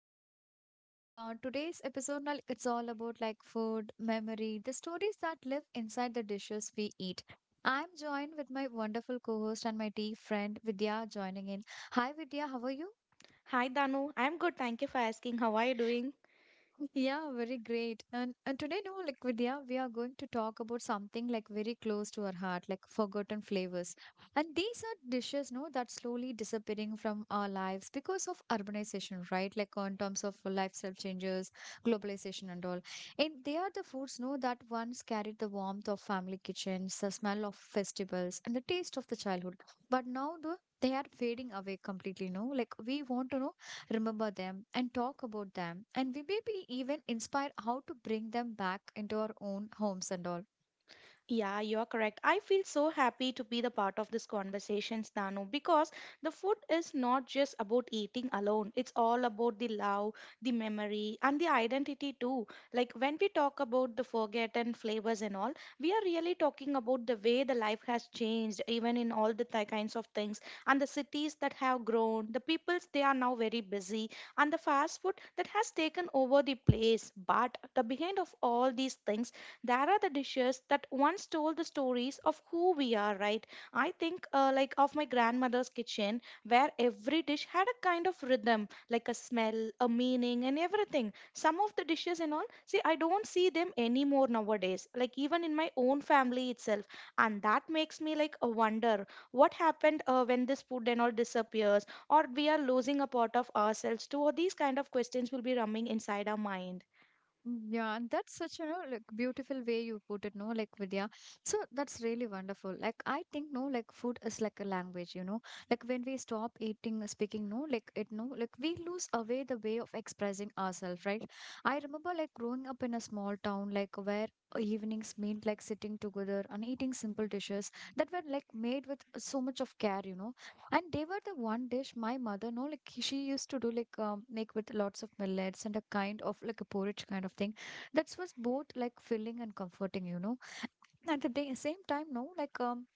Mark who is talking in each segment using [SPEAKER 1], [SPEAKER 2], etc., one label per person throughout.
[SPEAKER 1] you are here with us. No, like today's episode, like it's all about like food, memory, the stories that live inside the dishes we eat. I'm joined with my wonderful co-host and my dear friend Vidya joining in. Hi Vidya, how are you?
[SPEAKER 2] Hi Danu, I'm good. Thank you for asking. How are you doing?
[SPEAKER 1] Yeah, very great. And today, no, like Vidya, we are going to talk about something like very close to our heart, like forgotten flavors. And these are dishes, no, that slowly disappearing from our lives because of urbanization, right? Like on terms of lifestyle changes, globalization and all. And they are the foods, no, that once carried the warmth of family kitchens, the smell of festivals, and the taste of the childhood. But now they are fading away completely, no? Like we want to know remember them, and talk about them, and we may be even inspired how to bring them back into our own homes and all.
[SPEAKER 2] Yeah, you're correct. I feel so happy to be the part of this conversations, Nanu, because the food is not just about eating alone. It's all about the love, the memory, and the identity too. Like when we talk about the forgotten flavors and all, we are really talking about the way the life has changed, even in all the kinds of things, and the cities that have grown, the peoples they are now very busy, and the fast food that has taken over the place. But the behind of all these things there are the dishes that once told the stories of who we are, right? I think like of my grandmother's kitchen where every dish had a kind of rhythm, like a smell, a meaning, and everything. Some of the dishes and all, see, I don't see them anymore nowadays, like even in my own family itself. And that makes me like a wonder what happened when this food and all disappears, or we are losing a part of ourselves too. Or these kind of questions will be rumming inside our mind.
[SPEAKER 1] Mm, yeah, and that's such a like beautiful way you put it, no, like Vidya. So that's really wonderful. Like I think no, like food is like a language, you know. Like when we stop eating, speaking, no, like it, no, like we lose away the way of expressing ourselves, right? I remember like growing up in a small town, like where evenings meant like sitting together and eating simple dishes that were like made with so much of care, you know. And they were the one dish my mother, no, like she used to do like make with lots of millets and a kind of like a porridge kind of thing. That was both like filling and comforting, you know. At the day, same time, no, like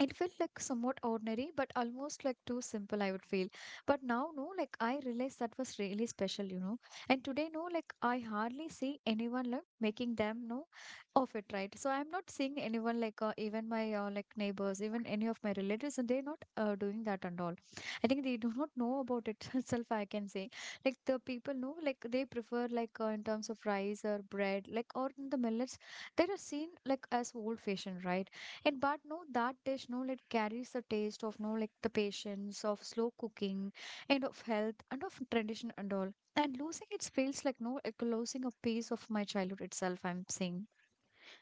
[SPEAKER 1] it felt like somewhat ordinary but almost like too simple, I would feel, but now, no, like I realized that was really special, you know. And today, no, like I hardly see anyone like making them, no, of it, right? So I'm not seeing anyone like even my like neighbors, even any of my relatives, and they're not doing that and all. I think they do not know about it itself, I can say. Like the people know, like they prefer like in terms of rice or bread, like or in the millets, they are seen like as old fashioned, right? And but no, that dish, no, it carries the taste of, no, like the patience of slow cooking and of health and of tradition and all. And losing it feels like, no, like losing a piece of my childhood itself, I'm saying.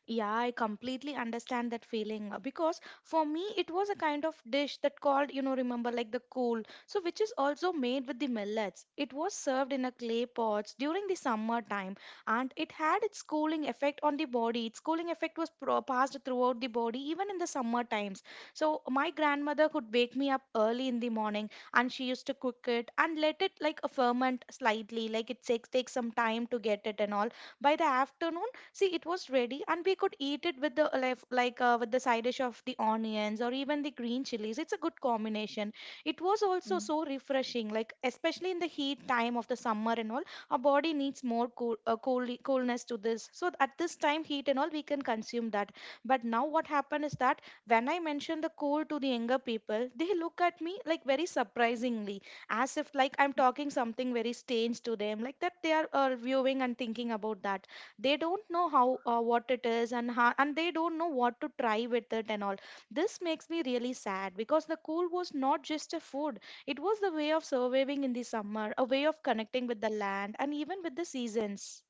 [SPEAKER 2] Yeah, I completely understand that feeling because for me it was a kind of dish that called, you know, remember like the kool, so which is also made with the millets. It was served in a clay pots during the summer time and it had its cooling effect on the body. Its cooling effect was passed throughout the body even in the summer times. So my grandmother could wake me up early in the morning and she used to cook it and let it like a ferment slightly, like it takes some time to get it and all. By the afternoon, see, it was ready, and we could eat it with the like with the side dish of the onions or even the green chilies. It's a good combination. It was also
[SPEAKER 1] Mm.
[SPEAKER 2] so refreshing, like especially in the heat time of the summer and all. Our body needs more cool coolness to this. So at this time, heat and all, we can consume that. But now what happened is that when I mention the cold to the younger people, they look at me like very surprisingly, as if like I'm talking something very strange to them, like that they are viewing and thinking about that. They don't know how what it is and how, and they don't know what to try with it and all. This makes me really sad because the cool was not just a food, it was the way of surviving in the summer, a way of connecting with the land and even with the seasons.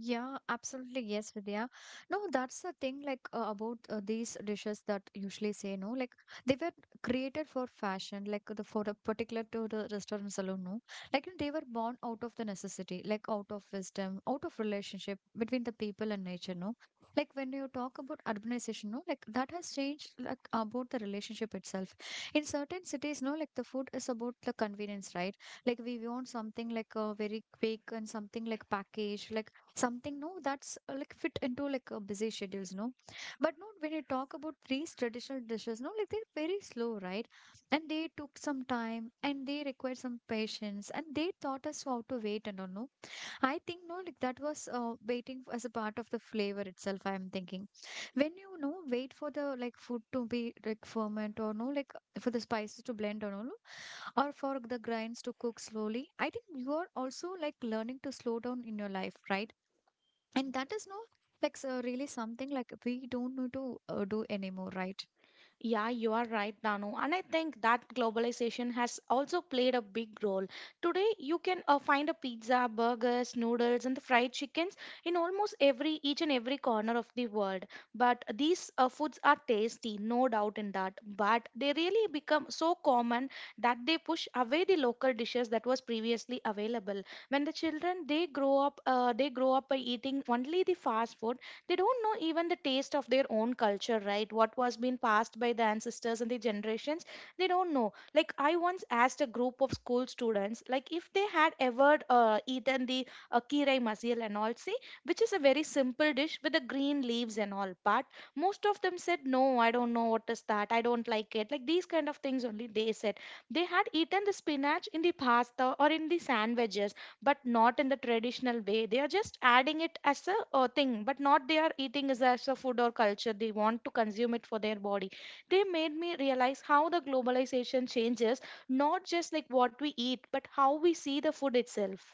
[SPEAKER 1] Yeah, absolutely. Yes, Vidya. No, that's the thing, like about these dishes that usually say, no, like they were created for fashion, like the for the particular to the restaurant alone, no. Like they were born out of the necessity, like out of wisdom, out of relationship between the people and nature, no. Like when you talk about urbanization, no, like that has changed like about the relationship itself. In certain cities, no, like the food is about the convenience, right? Like we want something like very quick and something like packaged, like something, no, that's like fit into like a busy schedules, no. But no, when you talk about these traditional dishes, no, like they're very slow, right? And they took some time and they required some patience and they taught us how to wait and all, no. I think, no, like that was waiting as a part of the flavor itself, I'm thinking. When wait for the like food to be like ferment, or no, like for the spices to blend, or no, or for the grinds to cook slowly, I think you are also like learning to slow down in your life, right? And that is, no, like so really something like we don't need to do anymore, right?
[SPEAKER 2] Yeah, you are right, Danu. And I think that globalization has also played a big role. Today, you can find a pizza, burgers, noodles, and the fried chickens in almost every each and every corner of the world. But these foods are tasty, no doubt in that. But they really become so common that they push away the local dishes that was previously available. When the children they grow up by eating only the fast food, they don't know even the taste of their own culture, right? What was being passed by the ancestors and the generations, they don't know. Like I once asked a group of school students, like if they had ever eaten the kirai masil and all, see, which is a very simple dish with the green leaves and all. But most of them said, no, I don't know what is that, I don't like it, like these kind of things only they said. They had eaten the spinach in the pasta or in the sandwiches, but not in the traditional way. They are just adding it as a thing, but not they are eating as a food or culture they want to consume it for their body. They made me realize how the globalization changes not just like what we eat but how we see the food itself.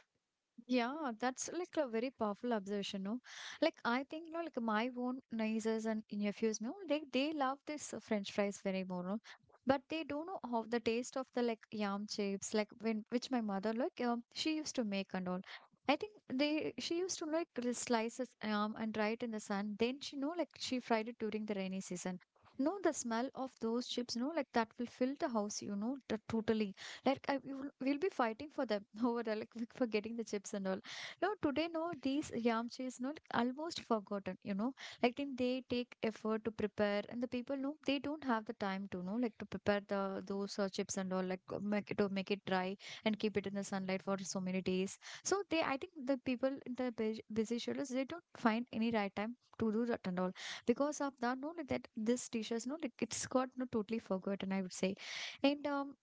[SPEAKER 1] Yeah, that's like a very powerful observation, no? Like I think, no, like my own nieces and nephews, no, they love this French fries very more, no? But they don't know how the taste of the like yam chips, like when which my mother like she used to make and all. I think they she used to like slice this yam and dry it in the sun. Then she know like she fried it during the rainy season. No, the smell of those chips, no, like that will fill the house, you know, totally. Like I, we'll be fighting for them over like for getting the chips and all. No, today, no, these yamcha is not almost forgotten. You know, like think they take effort to prepare, and the people, no, they don't have the time to know like to prepare the those chips and all, like make it to make it dry and keep it in the sunlight for so many days. So they, I think the people in the busy schedules, they don't find any right time to do that and all because of that. No, like that this dishes, no, like it's got no totally forgotten, I would say. And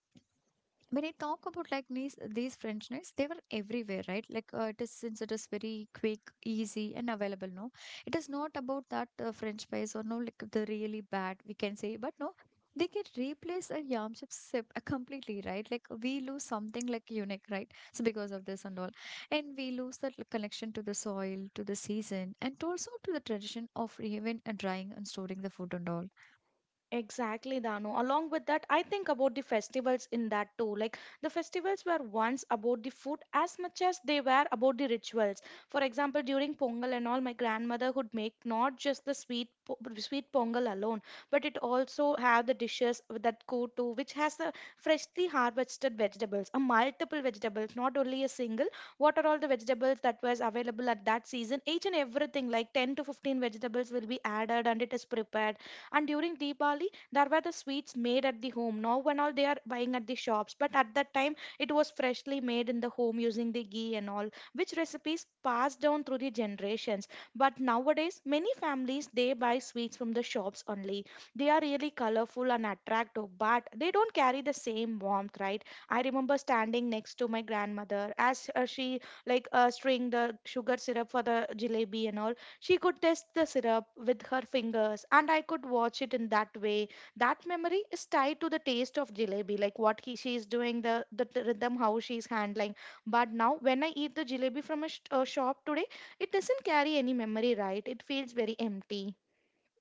[SPEAKER 1] when I talk about like these French knives, they were everywhere, right? Like it is since it is very quick, easy, and available. No, it is not about that French fries or no like the really bad, we can say, but no. They can replace a yam chips completely, right? Like we lose something like unique, right? So because of this and all, and we lose that like, connection to the soil, to the season, and also to the tradition of even drying and storing the food and all.
[SPEAKER 2] Exactly, Dano. Along with that, I think about the festivals in that too. Like the festivals were once about the food as much as they were about the rituals. For example, during Pongal and all, my grandmother would make not just the sweet Pongal alone, but it also have the dishes that go to which has the freshly harvested vegetables, a multiple vegetables, not only a single. What are all the vegetables that was available at that season? Each and everything, like 10 to 15 vegetables, will be added and it is prepared. And during Diwali, there were the sweets made at the home. Now, when all they are buying at the shops, but at that time, it was freshly made in the home using the ghee and all, which recipes passed down through the generations. But nowadays, many families they buy sweets from the shops only. They are really colorful and attractive, but they don't carry the same warmth, right? I remember standing next to my grandmother as she like string the sugar syrup for the jalebi and all. She could taste the syrup with her fingers, and I could watch it in that way. That memory is tied to the taste of jalebi, like what she is doing, the rhythm, how she's handling. But now, when I eat the jalebi from a shop today, it doesn't carry any memory, right? It feels very empty.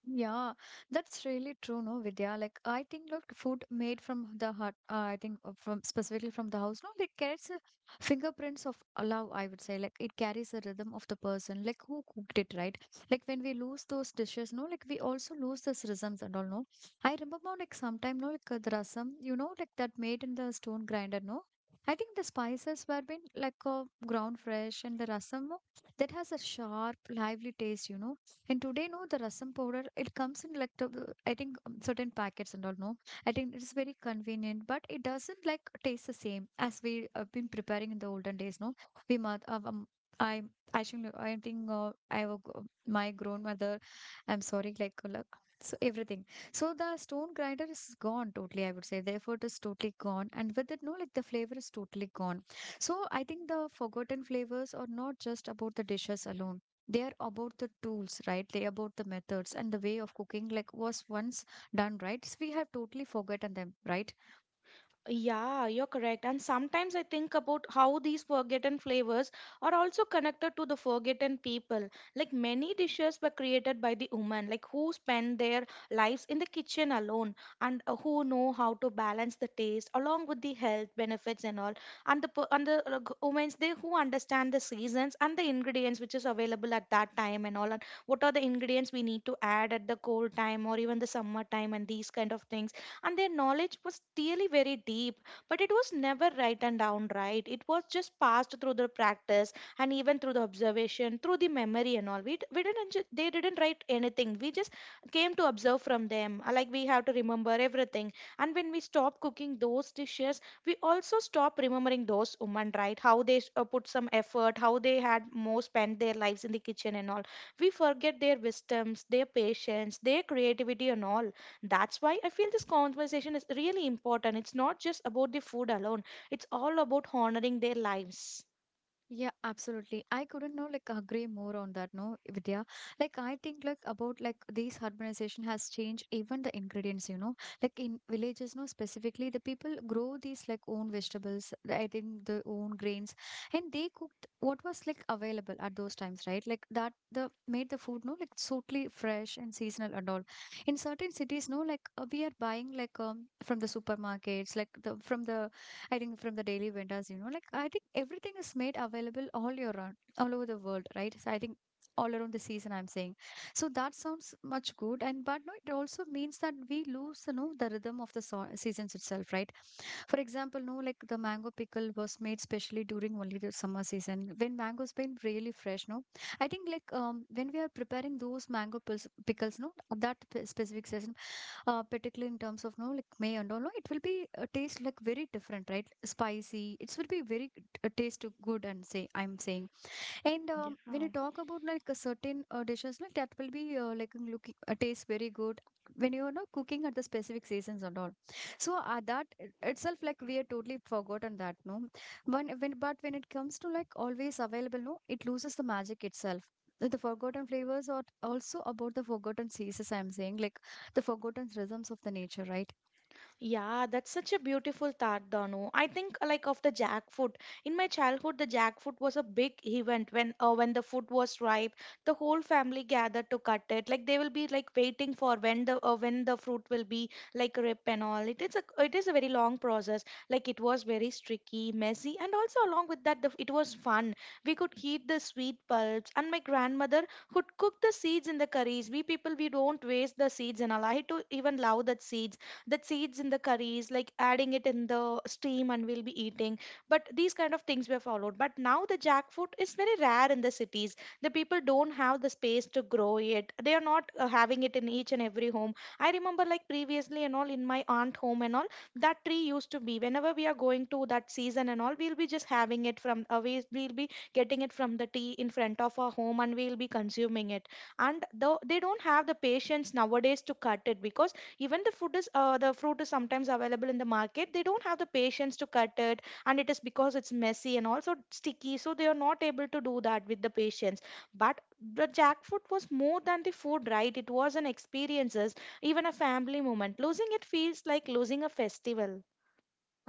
[SPEAKER 1] Yeah, that's really true, no, Vidya. Like, I think like food made from the heart, I think from specifically from the house, no, like carries fingerprints of love, I would say. Like, it carries the rhythm of the person, like who cooked it, right? Like, when we lose those dishes, no, like we also lose this rhythms and all, no. I remember, like, sometime, no, like the rasam, you know, like that made in the stone grinder, no. I think the spices were been like ground fresh and the rasam, no, that has a sharp, lively taste, you know. And today, no, the rasam powder, it comes in like, the, I think certain packets and all, no. I think it's very convenient, but it doesn't like taste the same as we have been preparing in the olden days, no. We, I, I have a my grandmother, I'm sorry, like, so everything. So the stone grinder is gone totally, I would say. Therefore, it is totally gone. And with it, no, like the flavor is totally gone. So I think the forgotten flavors are not just about the dishes alone, they're about the tools, right? They about the methods and the way of cooking like was once done, right? So we have totally forgotten them, right?
[SPEAKER 2] Yeah, you're correct. And sometimes I think about how these forgotten flavors are also connected to the forgotten people. Like many dishes were created by the women, like who spend their lives in the kitchen alone, and who know how to balance the taste along with the health benefits and all. And the women's they who understand the seasons and the ingredients which is available at that time and all, and what are the ingredients we need to add at the cold time or even the summer time and these kind of things. And their knowledge was really very deep, but it was never written down, right? It was just passed through the practice and even through the observation, through the memory and all. We, we didn't they didn't write anything. We just came to observe from them. Like we have to remember everything. And when we stop cooking those dishes, we also stop remembering those women, right? How they put some effort, how they had more spent their lives in the kitchen and all. We forget their wisdoms, their patience, their creativity and all. That's why I feel this conversation is really important. It's not just about the food alone, it's all about honoring their lives.
[SPEAKER 1] Yeah, absolutely. I couldn't know like agree more on that, no, Vidya. Like I think like about like this urbanization has changed even the ingredients, you know. Like in villages, no, specifically the people grow these like own vegetables, I think their own grains, and they cooked what was like available at those times, right? Like that the made the food, no, like totally fresh and seasonal and all. In certain cities, no, like we are buying like from the supermarkets, like the from the I think from the daily vendors, you know, like I think everything is made available all year round, all over the world, right? So I think all around the season, I'm saying. So that sounds much good, and but no, it also means that we lose, you know, the rhythm of the seasons itself, right? For example, no, like the mango pickle was made specially during only the summer season, when mango's been really fresh, no. I think like when we are preparing those mango pickles, no, at that specific season, particularly in terms of, no, like May and all, no, it will be a taste like very different, right? Spicy it will be very taste good and say, I'm saying. And when you
[SPEAKER 2] Yeah.
[SPEAKER 1] talk about like a certain dishes, like that will be like looking taste very good when you are not cooking at the specific seasons and all. So that itself, like we are totally forgotten that, no. When it comes to like always available, no, it loses the magic itself. The forgotten flavors are also about the forgotten seasons. I'm saying like the forgotten rhythms of the nature, right?
[SPEAKER 2] Yeah, that's such a beautiful thought, Danu. I think like of the jackfruit. In my childhood, the jackfruit was a big event. When when the fruit was ripe, the whole family gathered to cut it. Like they will be like waiting for when the fruit will be like ripe and all. It is a very long process. Like it was very tricky, messy, and also along with that, the, it was fun. We could eat the sweet pulps, and my grandmother could cook the seeds in the curries. We people we don't waste the seeds and all. I to even love that seeds, that seeds in the curries, like adding it in the steam and we'll be eating. But these kind of things were followed. But now the jackfruit is very rare in the cities. The people don't have the space to grow it, they are not having it in each and every home. I remember like previously and all in my aunt home and all, that tree used to be whenever we are going to that season and all, we'll be just having it from we'll be getting it from the tea in front of our home and we'll be consuming it. And though they don't have the patience nowadays to cut it, because even the fruit is sometimes available in the market, they don't have the patience to cut it, and it is because it's messy and also sticky, so they are not able to do that with the patience. But the jackfruit was more than the food, right? It was an experiences, even a family moment. Losing it feels like losing a festival.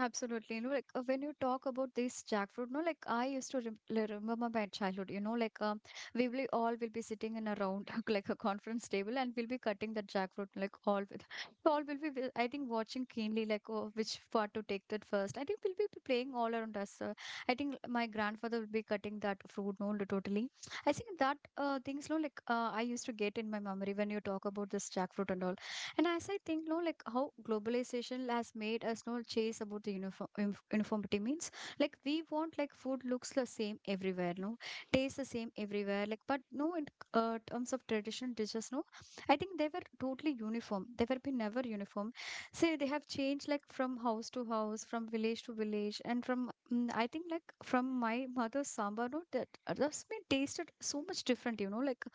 [SPEAKER 1] Absolutely. You know, like when you talk about this jackfruit, no, like I used to remember my childhood, you know, like we all will be sitting in a round, like a conference table, and we'll be cutting the jackfruit, like all with, all will be, I think, watching keenly, like, oh, which part to take that first. I think we'll be playing all around us. I think my grandfather will be cutting that fruit, no, totally. I think that things, no, like I used to get in my memory when you talk about this jackfruit and all. And as I think, no, like how globalization has made us no chase about the uniform uniformity means, like we want like food looks the same everywhere, no, tastes the same everywhere, like but no, in terms of traditional dishes, no, I think they were totally uniform. They were been never uniform. Say they have changed like from house to house, from village to village, and from I think like from my mother's sambar, no, that that's been tasted so much different, you know, like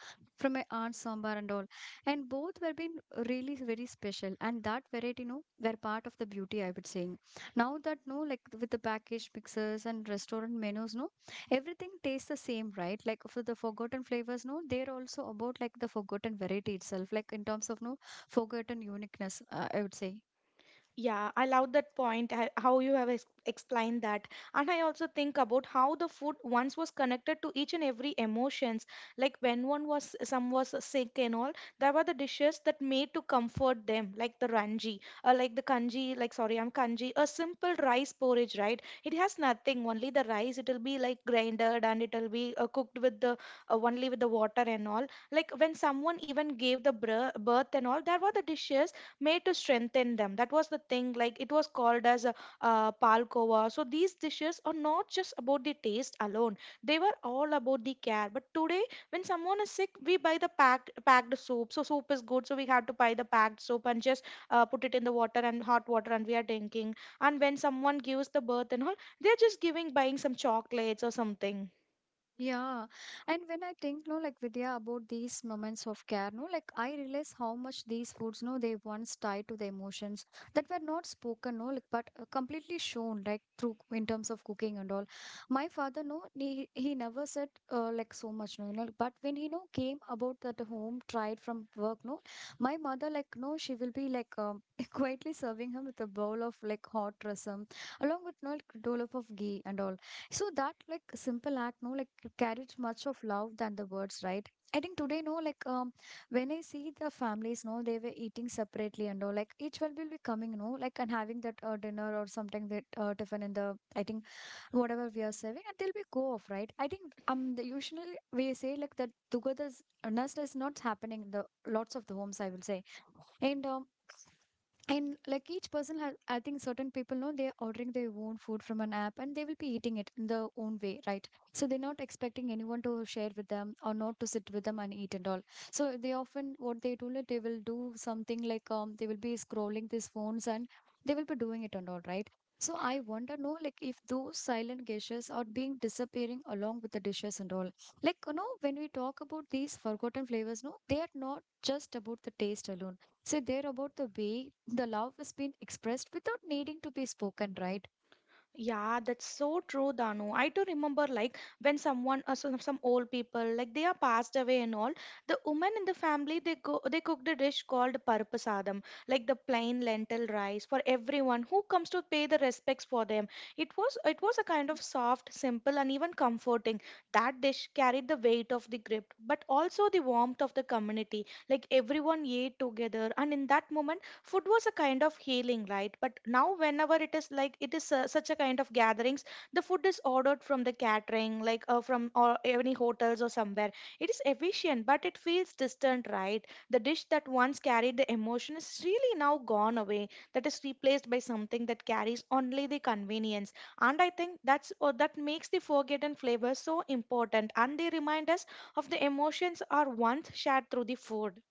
[SPEAKER 1] from my aunt's sambar and all, and both were been really very special, and that variety, you know, were part of the beauty, I would say. Now that no, like with the packaged mixers and restaurant menus, no, everything tastes the same, right? Like for the forgotten flavors, no, they're also about like the forgotten variety itself, like in terms of no forgotten uniqueness, I would say.
[SPEAKER 2] Yeah, I love that point, how you have explained that. And I also think about how the food once was connected to each and every emotions. Like when one was, some was sick and all, there were the dishes that made to comfort them, like the ranji, or like the kanji, like, sorry, I'm kanji, a simple rice porridge, right? It has nothing, only the rice, it'll be like grinded and it'll be cooked with the, only with the water and all. Like when someone even gave the br birth and all, there were the dishes made to strengthen them. That was the thing. Like it was called as a, palkova. So these dishes are not just about the taste alone. They were all about the care. But today, when someone is sick, we buy the packed soup. So soup is good. So we have to buy the packed soup and just put it in the water and hot water, and we are drinking. And when someone gives the birth and all, they're just giving buying some chocolates or something.
[SPEAKER 1] Yeah. And when I think, no, like Vidya, about these moments of care, no, like I realize how much these foods, no, they once tied to the emotions that were not spoken, no, like but completely shown, like through in terms of cooking and all. My father, no, he never said like so much, no, you know, but when he, no, came about that home, tried from work, no, my mother, like, no, she will be like quietly serving him with a bowl of like hot rasam along with, no, like, dollop of ghee and all. So that like simple act, no, like it carries much of love than the words, right? I think today, no, like when I see the families, no, they were eating separately and all, like each one will be coming, no, like and having that dinner or something that tiffin in the, I think whatever we are serving, and they'll be go off, right? I think the usually we say like that togetherness is not happening in the lots of the homes, I will say, and um, and like each person has, I think, certain people know they're ordering their own food from an app, and they will be eating it in their own way, right? So they're not expecting anyone to share with them or not to sit with them and eat and all. So they often what they do, like they will do something like they will be scrolling these phones and they will be doing it and all, right? So I wonder no, like if those silent gestures are being disappearing along with the dishes and all, like you know when we talk about these forgotten flavors, no, they are not just about the taste alone. So they're about the way the love is being expressed without needing to be spoken, right?
[SPEAKER 2] Yeah, that's so true, Danu. I do remember, like, when someone, some old people, like, they are passed away and all, the women in the family, they go, they cooked a dish called parapasadam, like the plain lentil rice for everyone who comes to pay the respects for them. It was a kind of soft, simple, and even comforting. That dish carried the weight of the grip, but also the warmth of the community. Like, everyone ate together, and in that moment, food was a kind of healing, right? But now whenever it is like it is such a kind of gatherings, the food is ordered from the catering like from or any hotels or somewhere. It is efficient but it feels distant, right? The dish that once carried the emotion is really now gone away. That is replaced by something that carries only the convenience. And I think that's or that makes the forgotten flavor so important, and they remind us of the emotions are once shared through the food.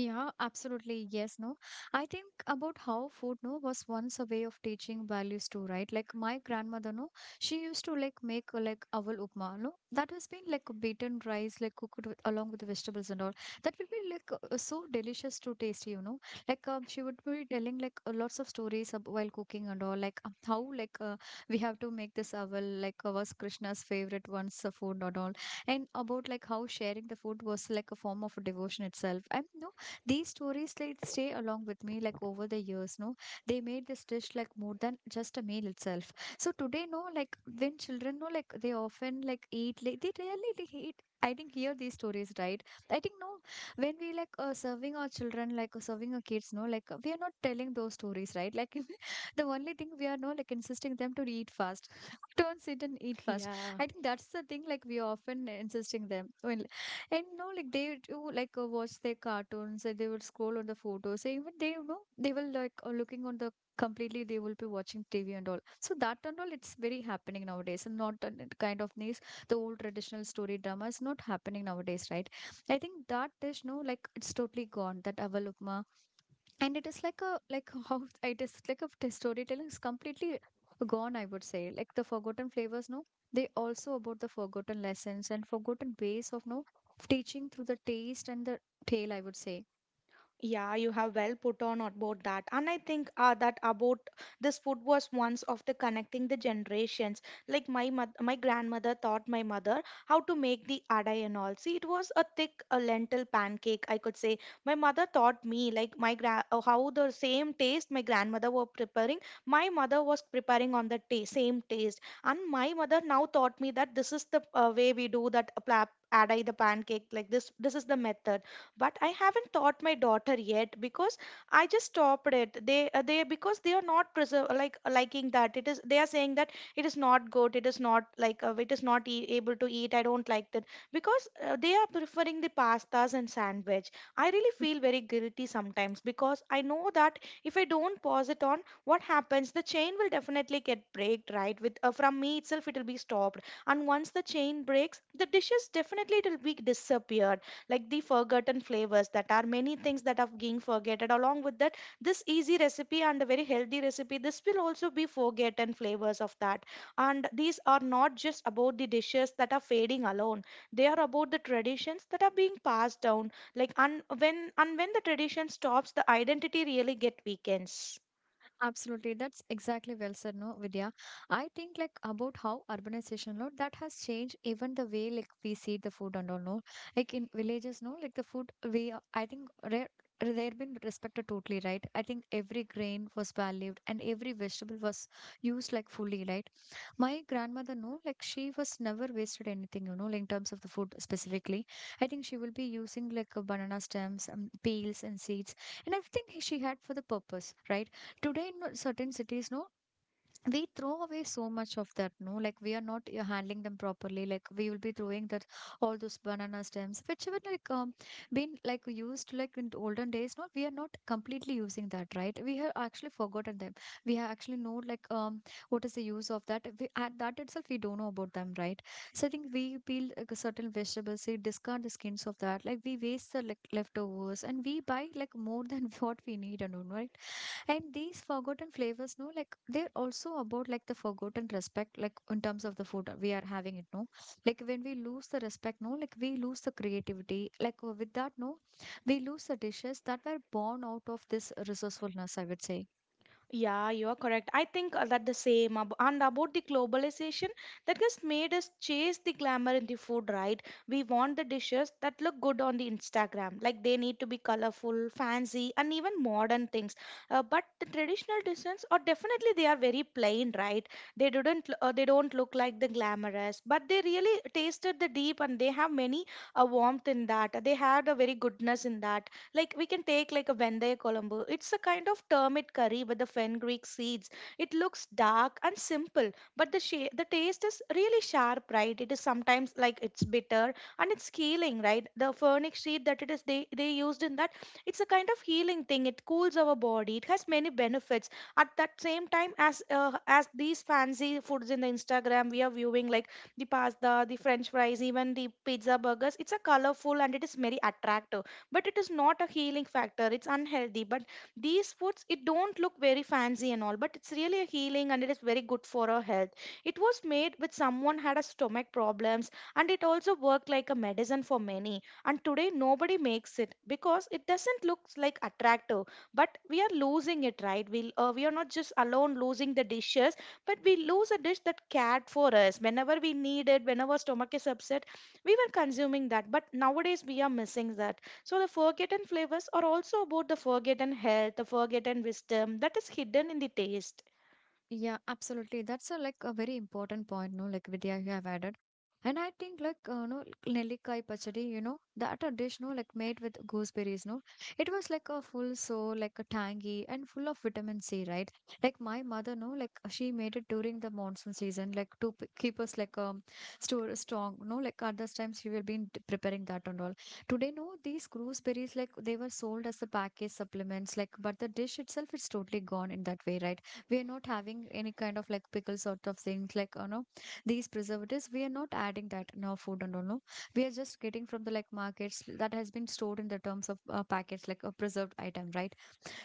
[SPEAKER 1] Yeah, absolutely. Yes, no. I think about how food, no, was once a way of teaching values too, right? Like my grandmother, no, she used to like make like aval upma, no. That has been like beaten rice, like cooked with, along with the vegetables and all. That would be like so delicious to taste, you know. Like she would be telling like lots of stories ab while cooking and all, like how like we have to make this aval, like was Krishna's favorite once food and all, and about like how sharing the food was like a form of devotion itself. And no, these stories like stay along with me like over the years, no. They made this dish like more than just a meal itself. So today, no, like when children, no, like they often like eat like they really they eat. I think hear these stories, right? I think no, when we like serving our children, like serving our kids, no, like we are not telling those stories, right? Like the only thing we are, no, like insisting them to eat fast. Don't sit and eat fast.
[SPEAKER 2] Yeah.
[SPEAKER 1] I think that's the thing, like we are often insisting them when, and you know, like they do like watch their cartoons and they will scroll on the photos. So even they, you know, they will like looking on the completely, they will be watching TV and all. So that and all, it's very happening nowadays. And not the kind of these, the old traditional story drama is not happening nowadays, right? I think that is, no, like it's totally gone. That Avalokma, and it is like a like how it is like a storytelling is completely gone, I would say, like the forgotten flavors, no, they also about the forgotten lessons and forgotten ways of no teaching through the taste and the tale, I would say.
[SPEAKER 2] Yeah, you have well put on about that. And I think that about this food was once of the connecting the generations. Like my grandmother taught my mother how to make the adai and all. See, it was a thick lentil pancake, I could say. My mother taught me like how the same taste my grandmother were preparing, my mother was preparing on the ta- same taste. And my mother now taught me that this is the way we do that adai the pancake like this is the method. But I haven't taught my daughter yet because I just stopped it. They because they are not preserve like liking that, it is they are saying that it is not good, it is not like it is not e- able to eat, I don't like that. Because they are preferring the pastas and sandwich. I really feel very guilty sometimes because I know that if I don't pause it on, what happens, the chain will definitely get breaked, right? With from me itself it will be stopped. And once the chain breaks, the dishes definitely it will be disappeared. Like the forgotten flavors, that are many things that are being forgotten along with that, this easy recipe and a very healthy recipe, this will also be forgotten flavors of that. And these are not just about the dishes that are fading alone, they are about the traditions that are being passed down, like. And when the tradition stops, the identity really get weakens.
[SPEAKER 1] Absolutely. That's exactly well said, no, Vidya. I think like about how urbanization, no, that has changed even the way like we see the food and all, no. Like in villages, no, like the food we I think rare they've been respected totally, right? I think every grain was valued and every vegetable was used like fully, right? My grandmother, no, like she was never wasted anything, you know, like in terms of the food specifically. I think she will be using like banana stems, peels and seeds and everything she had for the purpose, right? Today in certain cities, no, we throw away so much of that, no, like we are not handling them properly, like we will be throwing that all those banana stems, which were like been like used like in the olden days, no, we are not completely using that, right? We have actually forgotten them. We have actually know like what is the use of that, we at that itself we don't know about them, right? So I think we peel like, certain vegetables we discard the skins of that, like we waste the like leftovers and we buy like more than what we need and all, right? And these forgotten flavors, no, like they're also about like the forgotten respect, like in terms of the food we are having it, no. Like when we lose the respect, no, like we lose the creativity. Like with that, no, we lose the dishes that were born out of this resourcefulness, I would say.
[SPEAKER 2] Yeah, you are correct. I think that the same ab- and about the globalization that has made us chase the glamour in the food, right? We want the dishes that look good on the Instagram. Like they need to be colorful, fancy, and even modern things. But the traditional dishes are definitely they are very plain, right? They didn't they don't look like the glamorous, but they really tasted the deep and they have many a warmth in that. They had a very goodness in that. Like we can take like a Vendaye Colombo. It's a kind of termit curry with the fenugreek seeds. It looks dark and simple, but the sha- the taste is really sharp, right? It is sometimes like it's bitter and it's healing, right? The furnic sheet that it is they used in that, it's a kind of healing thing. It cools our body. It has many benefits. At that same time as these fancy foods in the Instagram we are viewing like the pasta, the French fries, even the pizza burgers. It's a colorful and it is very attractive, but it is not a healing factor, it's unhealthy. But these foods it don't look very fancy and all, but it's really a healing and it is very good for our health. It was made with someone had a stomach problems, and it also worked like a medicine for many. And today nobody makes it because it doesn't look like attractive. But we are losing it, right? We are not just alone losing the dishes, but we lose a dish that cared for us whenever we need it, whenever stomach is upset. We were consuming that, but nowadays we are missing that. So, the forgotten flavors are also about the forgotten health, the forgotten wisdom that is hidden in the taste.
[SPEAKER 1] Yeah, absolutely. That's a, like a very important point, no? Like Vidya, you have added. And I think like no Nellikai pachadi, you know, that a dish, no, like made with gooseberries, no. It was like a full so like a tangy and full of vitamin C, right? Like my mother, no, like she made it during the monsoon season, like to keep us like store strong, no. Like at those times she will be preparing that and all. Today, no, these gooseberries like they were sold as the package supplements, like but the dish itself is totally gone in that way, right? We're not having any kind of like pickle sort of things, like you know these preservatives we are not adding that in our food and all, no. We are just getting from the like markets that has been stored in the terms of packets like a preserved item, right?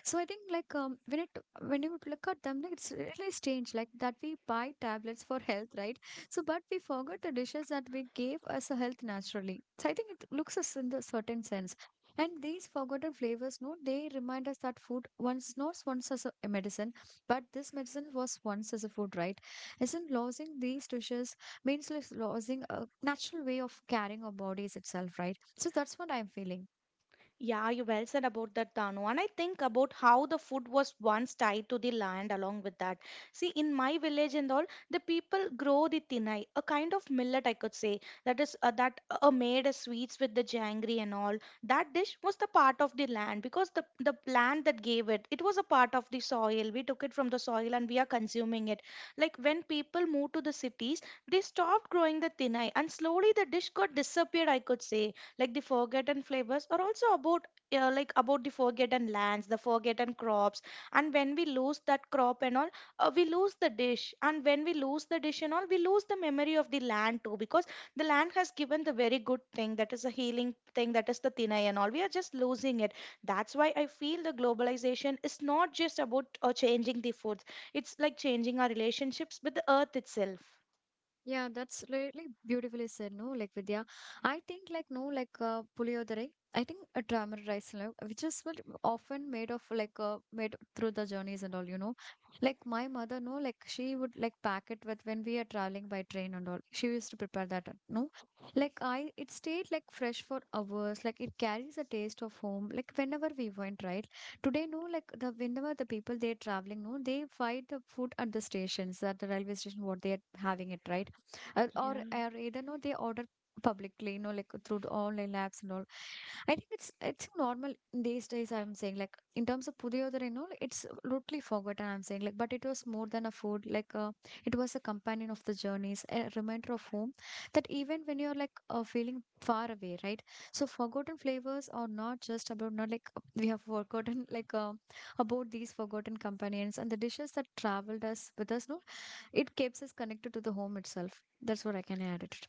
[SPEAKER 1] So I think like when it when you would look at them, like it's really strange like that we buy tablets for health, right? So but we forgot the dishes that we gave us a health naturally. So I think it looks us in the certain sense. And these forgotten flavors, no, they remind us that food once not once as a medicine, but this medicine was once as a food, right? Isn't losing these dishes means like losing a natural way of carrying our bodies itself, right? So that's what I'm feeling.
[SPEAKER 2] Yeah, you well said about that, Danu. And I think about how the food was once tied to the land along with that. See, in my village and all, the people grow the tinai, a kind of millet, I could say, that is that made as sweets with the jangri and all. That dish was the part of the land because the land that gave it, it was a part of the soil. We took it from the soil and we are consuming it. Like when people moved to the cities, they stopped growing the tinai, and slowly the dish got disappeared, I could say. Like the forgotten flavors are also about like about the forgotten lands, the forgotten crops. And when we lose that crop and all, we lose the dish. And when we lose the dish and all, we lose the memory of the land too, because the land has given the very good thing that is a healing thing that is the thinai and all, we are just losing it. That's why I feel the globalization is not just about changing the foods, it's like changing our relationships with the earth itself.
[SPEAKER 1] Yeah, that's really beautifully said, no? Like Vidya, I think like no, like puliyodare. I think a drama rice, like, which is what often made of like made through the journeys and all, you know. Like my mother, no, like she would like pack it with when we are traveling by train and all. She used to prepare that, no. Like it stayed like fresh for hours. Like it carries a taste of home. Like whenever we went, right? Today, no, like the whenever the people they are traveling, no, they find the food at the stations, at the railway station, what they are having it, right? Or either no they order publicly, you know, like through the online apps and all. I think it's normal these days, I'm saying, like in terms of pudiyodar and all. It's totally forgotten, I'm saying, like but it was more than a food like it was a companion of the journeys, a reminder of home, that even when you're like feeling far away, right? So forgotten flavors are not just about not like we have forgotten like about these forgotten companions and the dishes that traveled us with us, no. It keeps us connected to the home itself. That's what I can add it.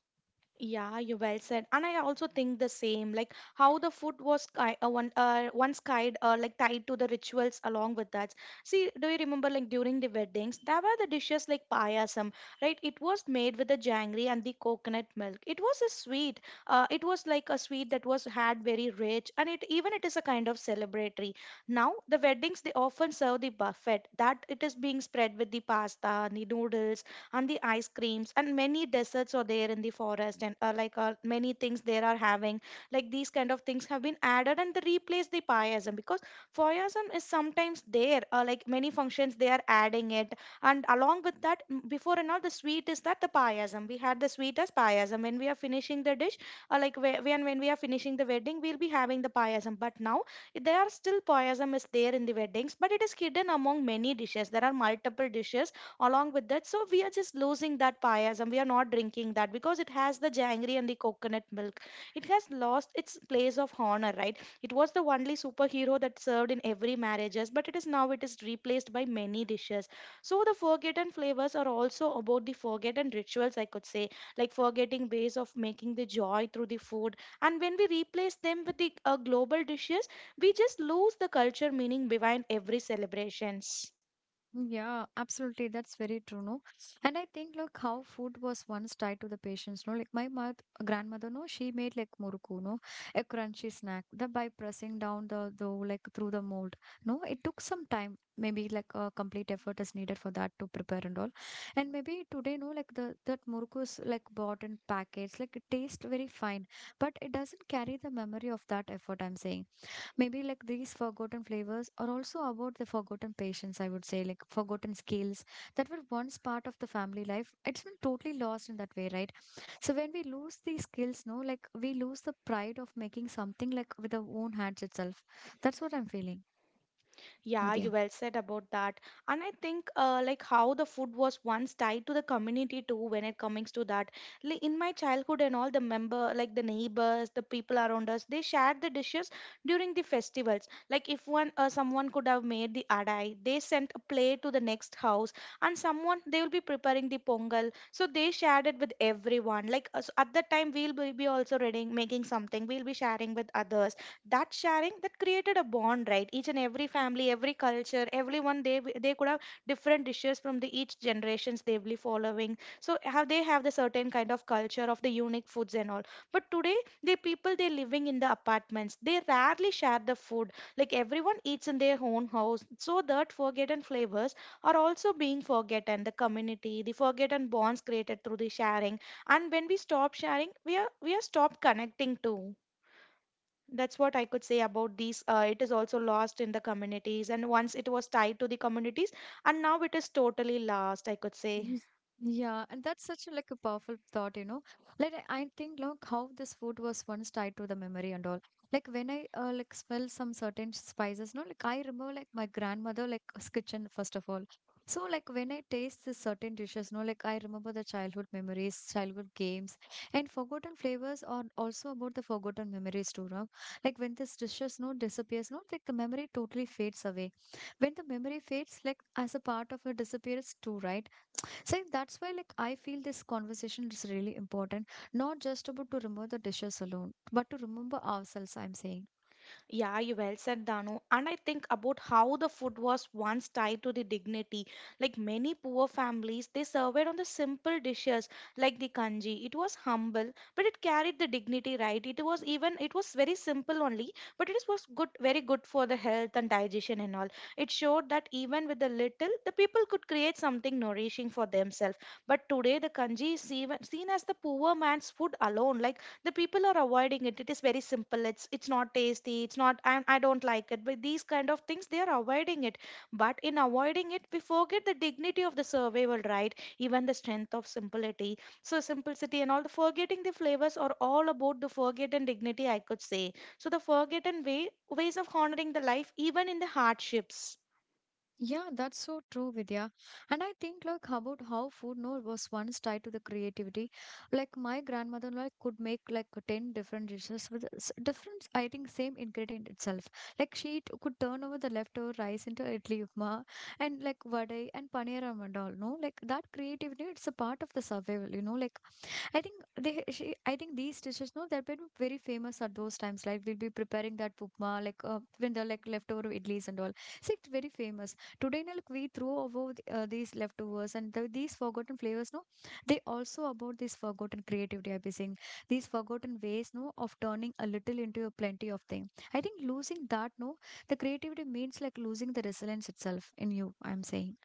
[SPEAKER 2] Yeah, you well said, and I also think the same. Like how the food was one once kind like tied to the rituals along with that. See, do you remember like during the weddings there were the dishes like payasam, right? It was made with the jangri and the coconut milk. It was a sweet. It was like a sweet that was had very rich, and it even it is a kind of celebratory. Now the weddings they often serve the buffet that it is being spread with the pasta and the noodles and the ice creams and many desserts are there in the forest, and like many things there are having, like these kind of things have been added and they replace the pieism. Because pieism is sometimes there, like many functions they are adding it. And along with that before and all, the sweet is that the pieism, we had the sweet as pieism when we are finishing the dish, like when we are finishing the wedding we'll be having the pieism. But now there are still pieism is there in the weddings, but it is hidden among many dishes, there are multiple dishes along with that. So we are just losing that payas, and we are not drinking that because it has the jangri and the coconut milk. It has lost its place of honor, right? It was the only superhero that served in every marriages, but it is now it is replaced by many dishes. So the forgotten flavors are also about the forgotten rituals, I could say, like forgetting ways of making the joy through the food. And when we replace them with the global dishes, we just lose the culture meaning behind every celebrations.
[SPEAKER 1] Yeah, absolutely. That's very true, no? And I think, look, how food was once tied to the patients, no? Like my mother, grandmother, no, she made like muruku, no, a crunchy snack. The by pressing down the dough, like through the mold, no, it took some time. Maybe like a complete effort is needed for that to prepare and all. And maybe today, no, like the that muruku is like bought in packets, like it tastes very fine, but it doesn't carry the memory of that effort. I'm saying maybe like these forgotten flavors are also about the forgotten patience, I would say, like forgotten skills that were once part of the family life. It's been totally lost in that way, right? So when we lose these skills, no, like we lose the pride of making something like with our own hands itself. That's what I'm feeling,
[SPEAKER 2] Yeah, you
[SPEAKER 1] Vidya.
[SPEAKER 2] well said about that. And I think like how the food was once tied to the community too when it comes to that. Like in my childhood and all, the member like the neighbors, the people around us, they shared the dishes during the festivals. Like if one someone could have made the adai, they sent a plate to the next house, and someone they will be preparing the pongal. So they shared it with everyone. Like us at that time we'll be also reading making something, we'll be sharing with others that sharing that created a bond, right? Each and every family, every culture, everyone they could have different dishes from the each generations they'll be following. So how they have the certain kind of culture of the unique foods and all. But today, the people they're living in the apartments, they rarely share the food. Like everyone eats in their own house, so that forgotten flavors are also being forgotten, the community, the forgotten bonds created through the sharing. And when we stop sharing, we are stopped connecting too. That's what I could say about these. It is also lost in the communities, and once it was tied to the communities, and now it is totally lost, I could say.
[SPEAKER 1] Yes. Yeah, and that's such a like a powerful thought, you know. Like I think, look, how this food was once tied to the memory and all. Like when I like smell some certain spices, no, like I remember like my grandmother like kitchen first of all. So like when I taste this certain dishes, no, like I remember the childhood memories, childhood games, and forgotten flavors are also about the forgotten memories too, no? Like when this dishes no disappears, no, like the memory totally fades away. When the memory fades, like as a part of it disappears too, right? See, that's why like I feel this conversation is really important, not just about to remove the dishes alone, but to remember ourselves, I'm saying.
[SPEAKER 2] Yeah, you well said, Danu. And I think about how the food was once tied to the dignity. Like many poor families, they survived on the simple dishes like the kanji. It was humble, but it carried the dignity, right? It was very simple only, but it is was good, very good for the health and digestion and all. It showed that even with the little, the people could create something nourishing for themselves. But today, the kanji is even seen as the poor man's food alone. Like the people are avoiding it. It is very simple. It's not tasty. It's not I don't like it. But these kind of things, they are avoiding it. But in avoiding it, we forget the dignity of the survival, right? Even the strength of simplicity. So simplicity and all, the forgetting the flavors are all about the forgotten dignity, I could say. So the forgotten ways of honoring the life even in the hardships.
[SPEAKER 1] Yeah, that's so true, Vidya. And I think like how about how food no was once tied to the creativity. Like my grandmother like could make like ten different dishes with different. I think same ingredient itself. Like she could turn over the leftover rice into idli upma and like vadai and paneeram and all. No, like that creativity it's a part of the survival. You know, like I think they she I think these dishes no they've been very famous at those times, like we'll be preparing that upma like when they're like leftover idlis and all. So it's very famous today, no, like we throw over the, these leftovers and these forgotten flavors no they also about this forgotten creativity, I've been saying. These forgotten ways no of turning a little into a plenty of thing, I think losing that no the creativity means like losing the resilience itself in you, I'm saying.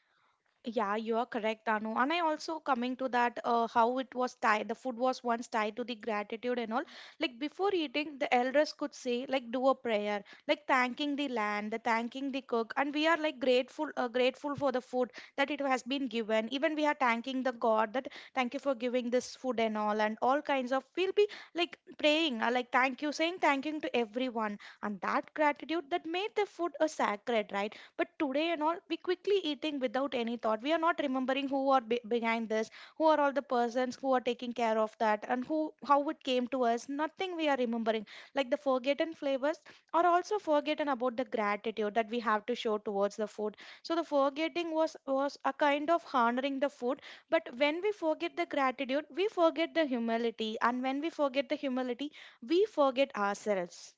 [SPEAKER 2] Yeah, you are correct, Anu. And I also coming to that how it was tied, the food was once tied to the gratitude and all. Like before eating, the elders could say like do a prayer, like thanking the land, the thanking the cook, and we are like grateful, grateful for the food that it has been given. Even we are thanking the God that thank you for giving this food and all kinds of. We'll be like praying, like thank you, saying thanking to everyone, and that gratitude that made the food a sacred, right? But today and all, we quickly eating without any thought. We are not remembering who are behind this, who are all the persons who are taking care of that, and who, how it came to us, nothing we are remembering. Like the forgotten flavors are also forgotten about the gratitude that we have to show towards the food. So the forgetting was a kind of honoring the food. But when we forget the gratitude, we forget the humility, and when we forget the humility, we forget ourselves.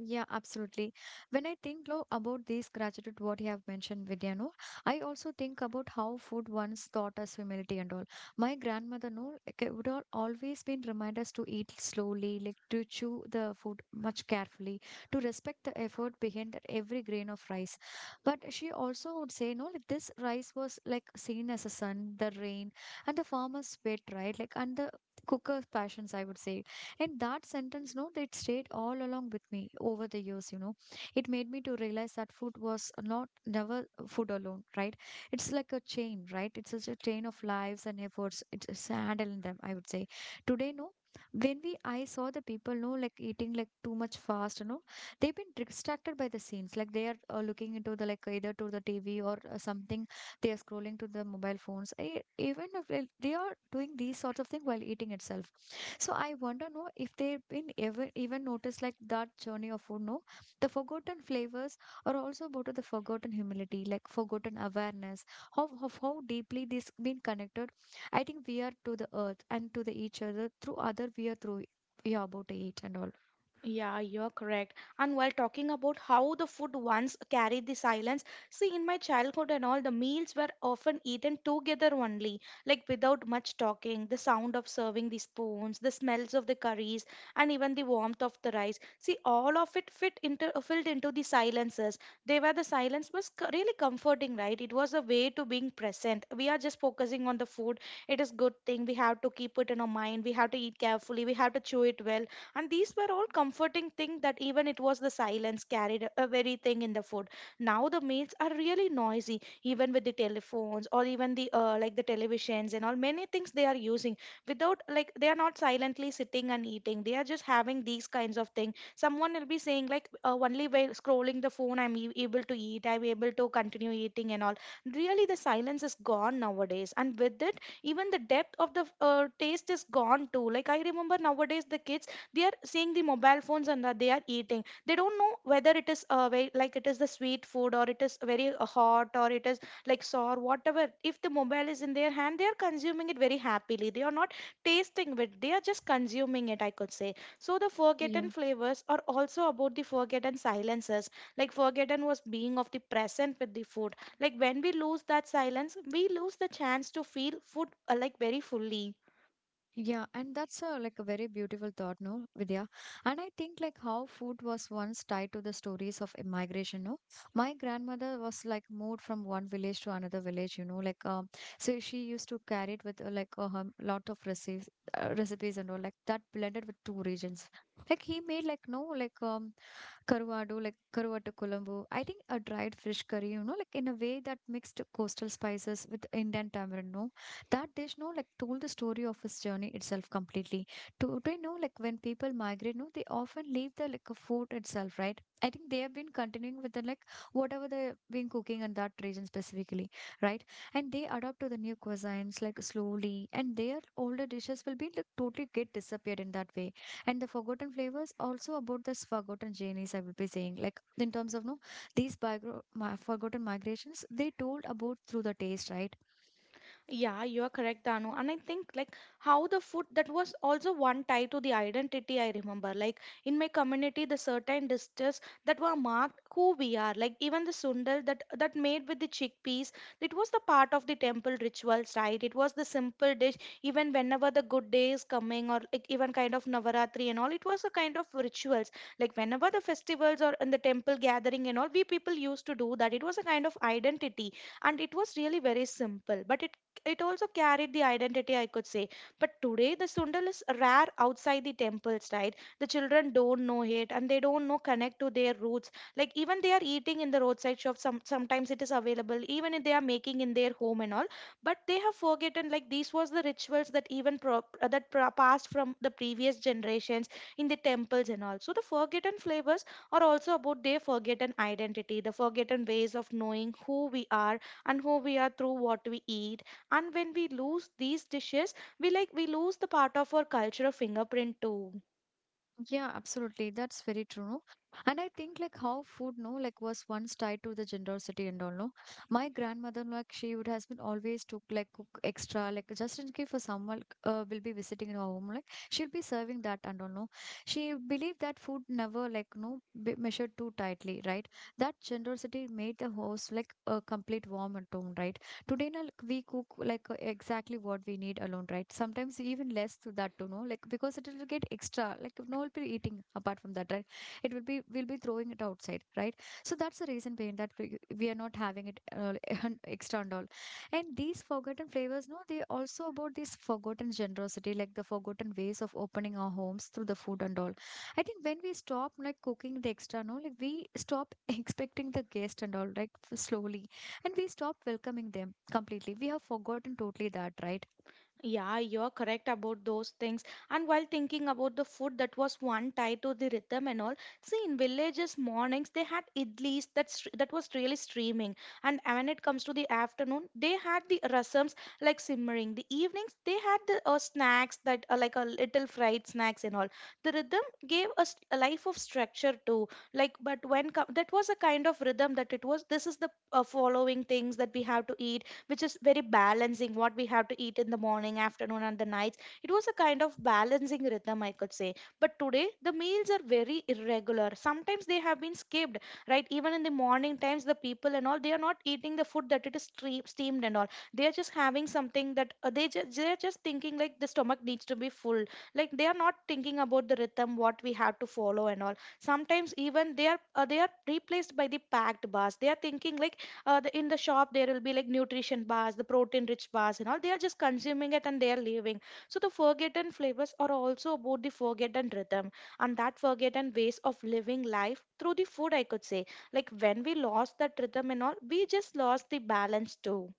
[SPEAKER 1] Yeah, absolutely. When I think lo, about these gratitude, what you have mentioned, Vidya, no, I also think about how food once taught us humility and all. My grandmother, no, like, would always been remind us to eat slowly, like to chew the food much carefully, to respect the effort behind that every grain of rice. But she also would say, no, like this rice was like seen as a sun, the rain, and the farmer's sweat, right? Like, and the cooker's passions, I would say. And that sentence, no, that stayed all along with me over the years, you know. It made me to realize that food was not never food alone, right? It's like a chain, right? It's such a chain of lives and efforts. It's handling them, I would say. Today, no. When we I saw the people no like eating like too much fast, you know, they've been distracted by the scenes. Like they are looking into the like either to the TV or something they are scrolling to the mobile phones even if they are doing these sorts of things while eating itself. So I wonder no if they've been ever even noticed like that journey of food, no. The forgotten flavors are also about the forgotten humility, like forgotten awareness of, how deeply this been connected. I think we are to the earth and to the each other through other, we are about to eat and all.
[SPEAKER 2] Yeah, you're correct. And while talking about how the food once carried the silence, see, in my childhood and all, the meals were often eaten together only, like without much talking, the sound of serving the spoons, the smells of the curries, and even the warmth of the rice. See, all of it fit into filled into the silences. The silence was really comforting, right? It was a way to being present. We are just focusing on the food. It is good thing. We have to keep it in our mind. We have to eat carefully. We have to chew it well, and these were all comforting things, that even it was the silence carried a very thing in the food. Now the meals are really noisy, even with the telephones or even the like the televisions and all, many things they are using. Without like, they are not silently sitting and eating, they are just having these kinds of things. Someone will be saying like only by scrolling the phone, able to eat, I'm able to continue eating and all. Really, the silence is gone nowadays, and with it even the depth of the taste is gone too. Like I remember nowadays the kids, they are seeing the mobile phones and that they are eating. They don't know whether it is like it is the sweet food, or it is very hot, or it is like sour. Whatever, if the mobile is in their hand, they are consuming it very happily. They are not tasting it, they are just consuming it, I could say. So the forgotten
[SPEAKER 1] Yeah.
[SPEAKER 2] flavors are also about the forgotten silences, like forgotten was being of the present with the food. Like when we lose that silence, we lose the chance to feel food like very fully.
[SPEAKER 1] Yeah, and that's a like a very beautiful thought, no, Vidya. And I think like how food was once tied to the stories of immigration, no. My grandmother was like moved from one village to another village, you know, like so she used to carry it with like a lot of recipes, recipes and all like that blended with two regions. Like he made like no like Karuado, like Karuata Colombo. I think a dried fish curry, you know, like in a way that mixed coastal spices with Indian tamarind, no, that dish no like told the story of his journey itself completely. Today know, like when people migrate no they often leave the like a food itself, right? I think they have been continuing with the like whatever they've been cooking in that region specifically, right? And they adapt to the new cuisines like slowly and their older dishes will be like totally get disappeared in that way. And the forgotten flavors also about this forgotten journeys, I will be saying, like in terms of no these forgotten migrations they told about through the taste, right?
[SPEAKER 2] Yeah, you are correct, Danu. And I think like how the food that was also one tie to the identity, I remember. Like in my community, the certain dishes that were marked who we are. Like even the sundal that made with the chickpeas, it was the part of the temple rituals, right? It was the simple dish. Even whenever the good day is coming, or like even kind of Navaratri and all, it was a kind of rituals. Like whenever the festivals or in the temple gathering and all, we people used to do that. It was a kind of identity, and it was really very simple, but it also carried the identity, I could say. But today, the sundal is rare outside the temples, right? The children don't know it and they don't know connect to their roots. Like even they are eating in the roadside shop. Sometimes it is available, even if they are making in their home and all. But they have forgotten like these was the rituals that even passed from the previous generations in the temples and all. So the forgotten flavors are also about their forgotten identity, the forgotten ways of knowing who we are, and who we are through what we eat. And when we lose these dishes, we like we lose the part of our cultural fingerprint too.
[SPEAKER 1] Yeah, absolutely. That's very true. No? And I think like how food, no, like was once tied to the generosity and all, no. My grandmother, like she would has been always took like cook extra, like just in case for someone like, will be visiting in her home, like she'll be serving that and all, no. She believed that food never like no be measured too tightly, right? That generosity made the house like a complete warm and home, right? Today, na, like, we cook like exactly what we need alone, right? Sometimes even less to that, you know, like because it will get extra. Like no, will be eating apart from that, right? It will be we'll be throwing it outside, right? So that's the reason behind that we are not having it extra and all. And these forgotten flavors, no, they also about this forgotten generosity, like the forgotten ways of opening our homes through the food and all. I think when we stop like cooking the extra, no, like we stop expecting the guest and all, right? Slowly and we stop welcoming them completely. We have forgotten totally that, right?
[SPEAKER 2] Yeah, you're correct about those things. And while thinking about the food that was one tied to the rhythm and all, see in villages mornings they had idlis that that was really streaming, and when it comes to the afternoon they had the rasams like simmering. The evenings they had the snacks that are like a little fried snacks and all. The rhythm gave us a life of structure too. Like, but when that was a kind of rhythm that it was. This is the following things that we have to eat, which is very balancing what we have to eat in the morning, afternoon, and the nights. It was a kind of balancing rhythm, I could say. But today, the meals are very irregular. Sometimes they have been skipped, right? Even in the morning times, the people and all, they are not eating the food that it is steamed and all. They are just having something that they are just thinking like the stomach needs to be full. Like they are not thinking about the rhythm, what we have to follow and all. Sometimes even they are replaced by the packed bars. They are thinking like in the shop there will be like nutrition bars, the protein rich bars and all, they are just consuming it and they are leaving. So the forgotten flavors are also about the forgotten rhythm, and that forgotten ways of living life through the food, I could say. Like when we lost that rhythm and all, we just lost the balance too.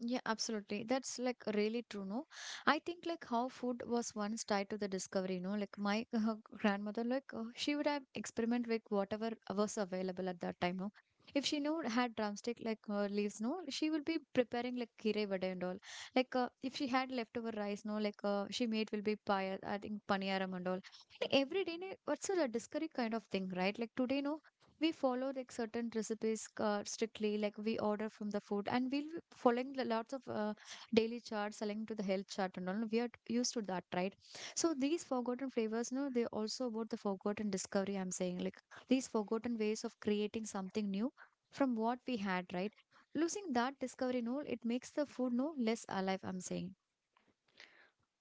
[SPEAKER 1] Yeah, absolutely. That's like really true, no? I think like how food was once tied to the discovery, no? Like my grandmother, like she would have experiment with whatever was available at that time, no? If she knew had drumstick like leaves, no, she would be preparing like kirei vada and all. Like if she had leftover rice, no, like she made will be pie, I think paniyaram and all. Like, every day, ne, what's a discovery kind of thing, right? Like today, no, we follow like certain recipes strictly like we order from the food and we'll be following the lots of daily charts selling to the health chart and all we are used to that, right? So these forgotten flavors no they also about the forgotten discovery, I'm saying, like these forgotten ways of creating something new from what we had, right? Losing that discovery no it makes the food no less alive, I'm saying.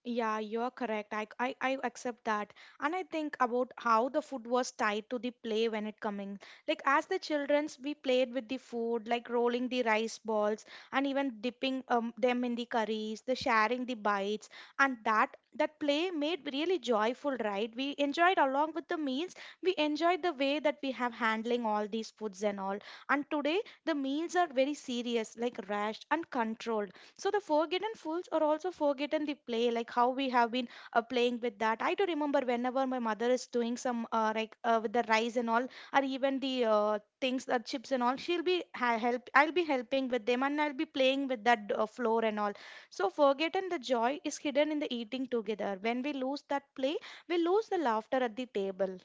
[SPEAKER 2] Yeah, you're correct. I accept that. And I think about how the food was tied to the play when it coming. Like as the childrens, we played with the food, like rolling the rice balls and even dipping them in the curries, the sharing the bites. And that play made really joyful, right? We enjoyed along with the meals. We enjoyed the way that we have handling all these foods and all. And today the meals are very serious, like rushed and controlled. So the forgotten fools are also forgotten the play, like how we have been playing with that. I do remember whenever my mother is doing some with the rice and all, or even the things the chips and all, she'll be ha- help I'll be helping with them, and I'll be playing with that floor and all. So forgotten, the joy is hidden in the eating together. When we lose that play, we lose the laughter at the table.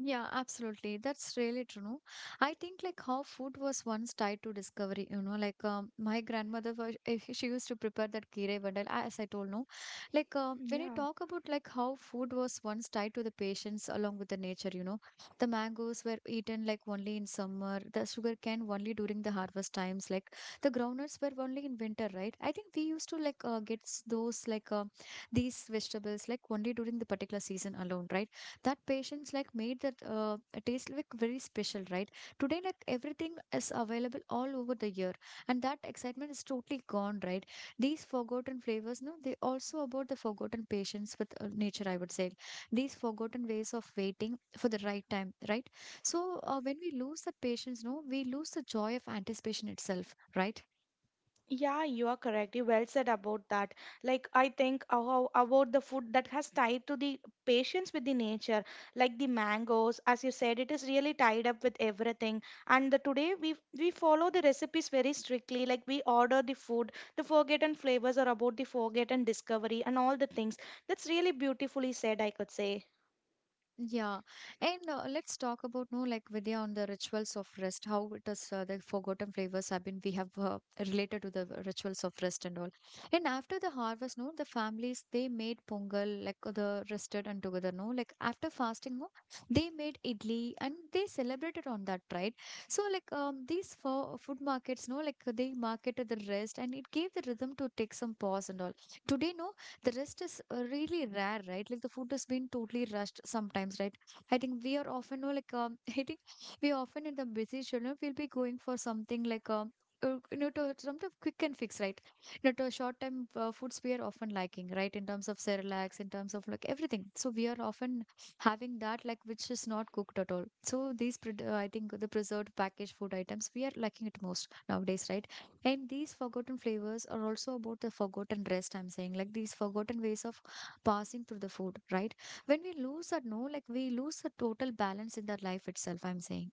[SPEAKER 1] Yeah, absolutely. That's really true. No? I think like how food was once tied to discovery, you know, like my grandmother was if she used to prepare that kirei vandal, as I told no. When I
[SPEAKER 2] Yeah.
[SPEAKER 1] talk about like how food was once tied to the patients along with the nature, you know, the mangoes were eaten like only in summer, the sugar cane only during the harvest times, like the groundnuts were only in winter, right? I think we used to like get those like these vegetables like only during the particular season alone, right? That patience like made that taste like very special, right? Today like everything is available all over the year, and that excitement is totally gone, right? These forgotten flavors, no, they also about the forgotten patience with nature, I would say. These forgotten ways of waiting for the right time, right? So when we lose the patience, no, we lose the joy of anticipation itself, right?
[SPEAKER 2] Yeah, you are correct. You well said about that. Like I think how about the food that has tied to the patience with the nature, like the mangoes, as you said, it is really tied up with everything. And the, today we follow the recipes very strictly. Like we order the food, the forgotten flavors are about the forgotten discovery and all the things. That's really beautifully said, I could say.
[SPEAKER 1] Yeah. And let's talk about, no, like Vidya, on the rituals of rest, how it is the forgotten flavors have been we have related to the rituals of rest and all. And after the harvest, no, the families they made pongal like the rested and together, no, like after fasting, no, they made idli and they celebrated on that, right? So like these for food markets, no, like they marketed the rest and it gave the rhythm to take some pause and all. Today, no, the rest is really rare, right? Like the food has been totally rushed sometimes, right? I think we are often I think we often in the busy schedule we'll be going for something like, you know, to sort quick and fix, right? You know, to short time foods we are often liking, right? In terms of Cerelacs, in terms of like everything. So we are often having that like which is not cooked at all. So I think, the preserved packaged food items we are liking it most nowadays, right? And these forgotten flavors are also about the forgotten rest, I'm saying, like these forgotten ways of passing through the food, right? When we lose that, no, like we lose the total balance in the life itself, I'm saying.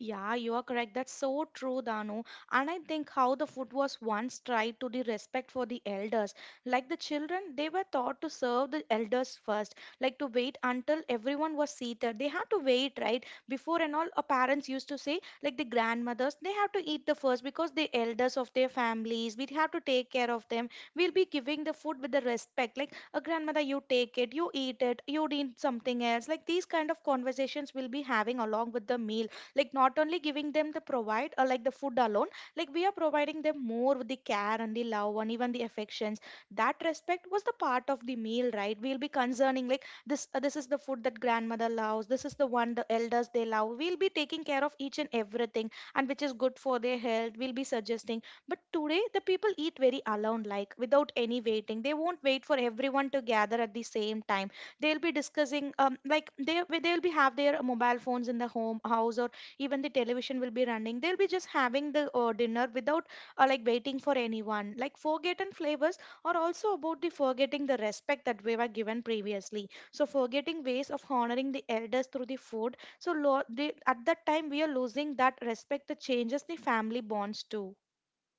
[SPEAKER 2] Yeah, you are correct. That's so true, Danu. And I think how the food was once tried to the respect for the elders. Like the children, they were taught to serve the elders first, like to wait until everyone was seated. They had to wait, right? Before and all, our parents used to say, like the grandmothers, they have to eat the first because the elders of their families, we have to take care of them. We'll be giving the food with the respect. Like a grandmother, you take it, you eat it, you need something else. Like these kind of conversations we'll be having along with the meal, like not only giving them the provide or like the food alone, like we are providing them more with the care and the love and even the affections. That respect was the part of the meal, right? We'll be concerning like this is the food that grandmother loves, this is the one the elders they love. We'll be taking care of each and everything, and which is good for their health, we'll be suggesting. But today the people eat very alone, like without any waiting. They won't wait for everyone to gather at the same time. They'll be discussing Like they'll be have their mobile phones in the home house, or even the television will be running. They'll be just having the dinner without like waiting for anyone. Like forgotten flavors are also about the forgetting the respect that we were given previously. So forgetting ways of honoring the elders through the food, so they, at that time we are losing that respect. That changes the family bonds too.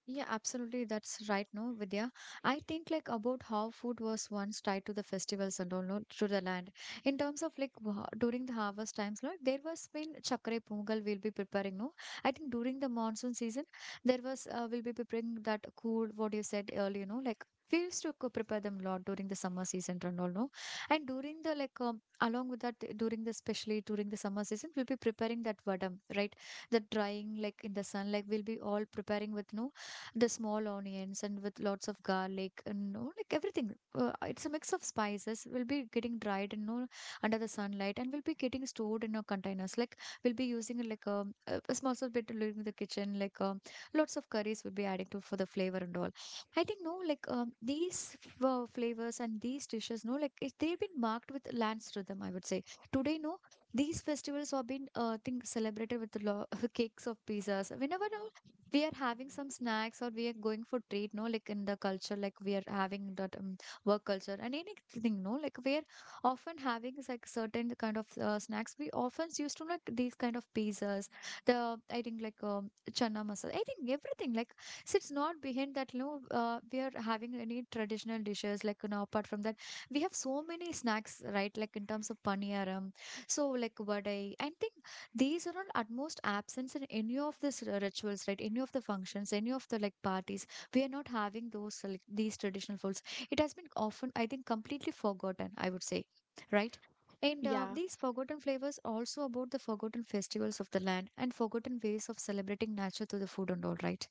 [SPEAKER 1] Yeah, absolutely. That's right, no, Vidya. I think like about how food was once tied to the festivals and all, no, to the land. In terms of like during the harvest times, no, there was been chakre pongal we'll be preparing, no. I think during the monsoon season, there was we'll be preparing that cool what you said earlier, no, like we used to prepare them a lot during the summer season and all, no. And during the along with that, during the especially during the summer season, we'll be preparing that vadam, right? The drying like in the sun, like we'll be all preparing with no the small onions and with lots of garlic and, you know, like everything. It's a mix of spices. Will be getting dried and, you know, under the sunlight and will be getting stored in our containers. Like we'll be using it like, a small sort of bit in the kitchen. Lots of curries will be adding to for the flavor and all. I think, no, these flavors and these dishes, no, like it, they've been marked with lands rhythm, I would say. Today, no, these festivals have been think celebrated with the cakes of pizzas. Whenever, no, we are having some snacks or we are going for treat, no, like in the culture, like we are having that work culture and anything, no, like we are often having is like certain kind of snacks we often used to like these kind of pizzas, the I think chana masala, I think everything like. So it's not behind that, no, we are having any traditional dishes, like, you know, apart from that we have so many snacks, right? Like in terms of paniyaram, so like vadai, I think these are all utmost absence in any of this rituals, right? Any of the functions, any of the like parties, we are not having those like these traditional foods. It has been often, I think, completely forgotten, I would say, right? And
[SPEAKER 2] Yeah.
[SPEAKER 1] these forgotten flavors also about the forgotten festivals of the land and forgotten ways of celebrating nature through the food and all, right?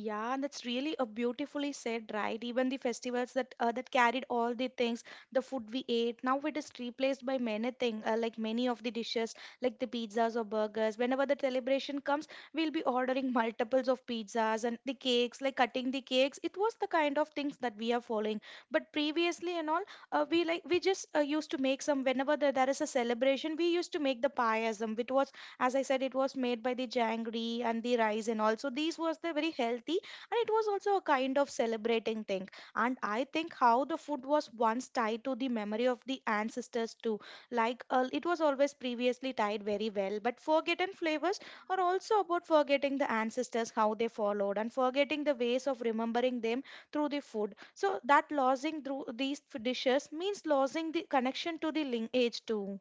[SPEAKER 2] Yeah, and that's really a beautifully said, right? Even the festivals that that carried all the things, the food we ate, now it is replaced by many things, like many of the dishes, like the pizzas or burgers. Whenever the celebration comes, we'll be ordering multiples of pizzas and the cakes, like cutting the cakes. It was the kind of things that we are following. But previously and all, we like we just used to make some whenever there is a celebration, we used to make the pie as it was, as I said, it was made by the jangri and the rice, and also these was the very healthy, and it was also a kind of celebrating thing. And I think how the food was once tied to the memory of the ancestors too. Like it was always previously tied very well, but forgotten flavors are also about forgetting the ancestors, how they followed, and forgetting the ways of remembering them through the food. So that losing through these dishes means losing the connection to the lineage too.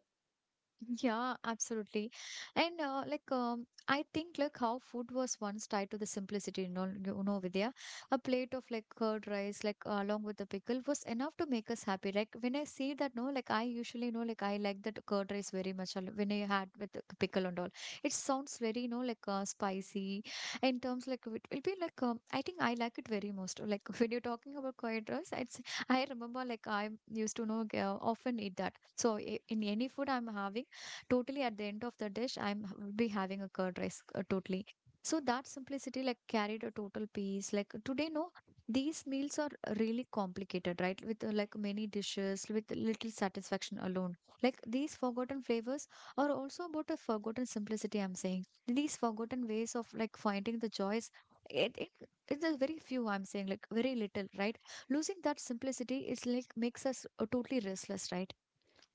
[SPEAKER 1] Yeah, absolutely. And I think like how food was once tied to the simplicity, you know, Vidya. A plate of like curd rice, like along with the pickle, was enough to make us happy. Like when I see that, no, like I usually know, like I like that curd rice very much. When I had with the pickle and all, it sounds very, you know, like spicy. In terms like it will be like, I think I like it very most. Like when you're talking about curd rice, it's I remember like I used to know often eat that. So in any food I'm having totally at the end of the dish, I'm will be having a curd rice totally. So that simplicity like carried a total piece. Like today, no, these meals are really complicated, right? With like many dishes, with little satisfaction alone. Like these forgotten flavors are also about a forgotten simplicity, I'm saying, these forgotten ways of like finding the joys. It, it's a very few, I'm saying, like very little, right? Losing that simplicity is like makes us totally restless, right?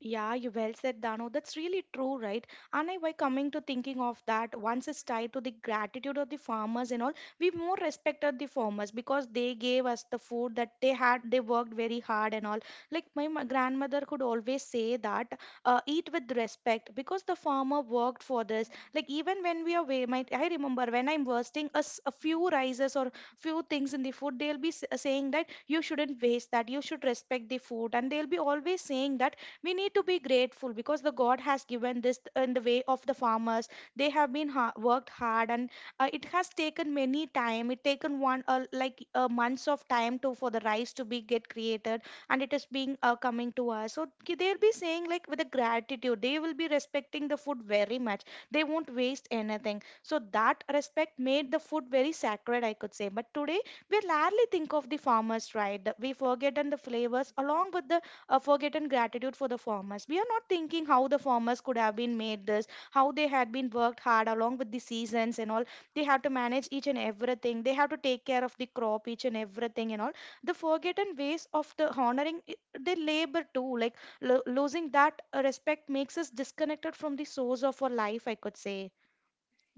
[SPEAKER 2] Yeah, you well said, Dano. That's really true, right? And I why coming to thinking of that, once it's tied to the gratitude of the farmers and all, we more respected the farmers because they gave us the food that they had. They worked very hard and all. Like my grandmother could always say that, eat with respect because the farmer worked for this. Like even when we are, wa- my, I remember when I'm wasting a few rices or few things in the food, saying that you shouldn't waste that. You should respect the food, and they'll be always saying that we need to be grateful because the god has given this in the way of the farmers. They have been worked hard, and it has taken many time. It taken one like months of time to for the rice to be get created, and it is being coming to us. So they'll be saying like with a gratitude they will be respecting the food very much. They won't waste anything, so that respect made the food very sacred, I could say. But today we rarely think of the farmers, right? We forget and the flavors along with the forgotten gratitude for the farmers. We are not thinking how the farmers could have been made this, how they had been worked hard along with the seasons and all. They have to manage each and everything. They have to take care of the crop, each and everything and all. The forgotten ways of the honoring their labor too, like losing that respect makes us disconnected from the source of our life, I could say.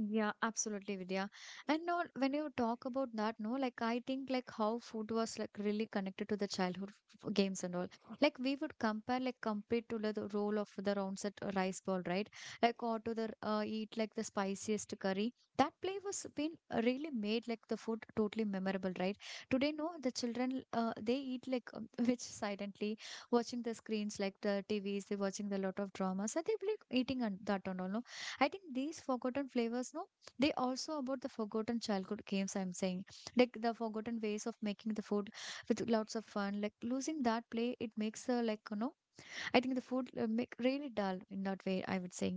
[SPEAKER 1] Yeah, absolutely, Vidya. And no, when you talk about that, no, like I think like how food was like really connected to the childhood games and all. Like we would compare to like, the role of the rounds at rice ball, right? Like or to the eat like the spiciest curry. That play was been really made like the food totally memorable, right? Today, no, the children they eat like, which silently watching the screens like the T V's. They're watching the lot of dramas and they're like eating and that and all, no? I think these forgotten flavors, no, they also about the forgotten childhood games, I'm saying, like the forgotten ways of making the food with lots of fun. Like losing that play, it makes like, you know, I think the food make really dull in that way, I would say.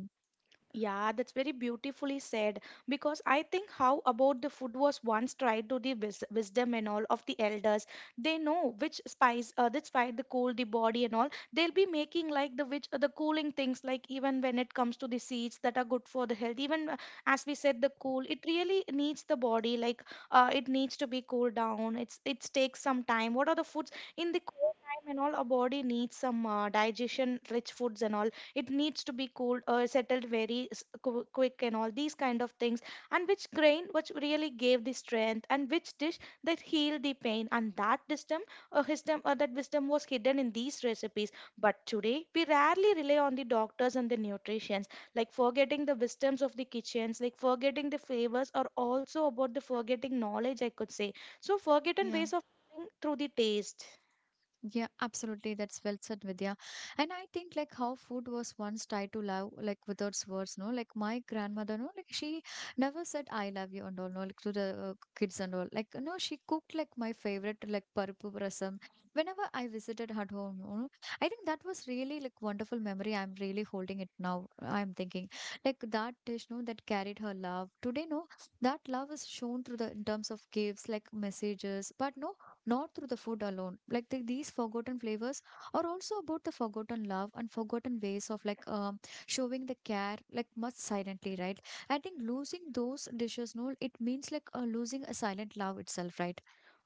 [SPEAKER 2] Yeah, that's very beautifully said. Because I think how about the food was once tried to the wisdom and all of the elders. They know which spice, that spice, the cool the body and all. They'll be making like the which the cooling things, like even when it comes to the seeds that are good for the health. Even as we said, the cool it really needs the body. Like it needs to be cooled down. It takes some time. What are the foods in the cool time and all? Our body needs some digestion rich foods and all. It needs to be cooled or settled very quick and all these kind of things, and which grain which really gave the strength, and which dish that healed the pain. And that wisdom, or wisdom, or that wisdom was hidden in these recipes. But today we rarely rely on the doctors and the nutritions, like forgetting the wisdoms of the kitchens. Like forgetting the flavors are also about the forgetting knowledge, I could say. So forgotten
[SPEAKER 1] Yeah.
[SPEAKER 2] ways of cooking through the taste.
[SPEAKER 1] Yeah, absolutely. That's well said, Vidya. And I think like how food was once tied to love, like without words, no? Like my grandmother, no? Like she never said I love you and all, no? Like to the kids and all. Like, no, she cooked like my favorite, like parupu rasam. Whenever I visited her home, no? I think that was really like wonderful memory. I'm really holding it now. I'm thinking like that dish, no? That carried her love. Today, no? That love is shown through the in terms of gifts, like messages, but no? Not through the food alone. Like the, these forgotten flavors are also about the forgotten love and forgotten ways of like, showing the care like much silently, right? I think losing those dishes, no, it means like losing a silent love itself, right?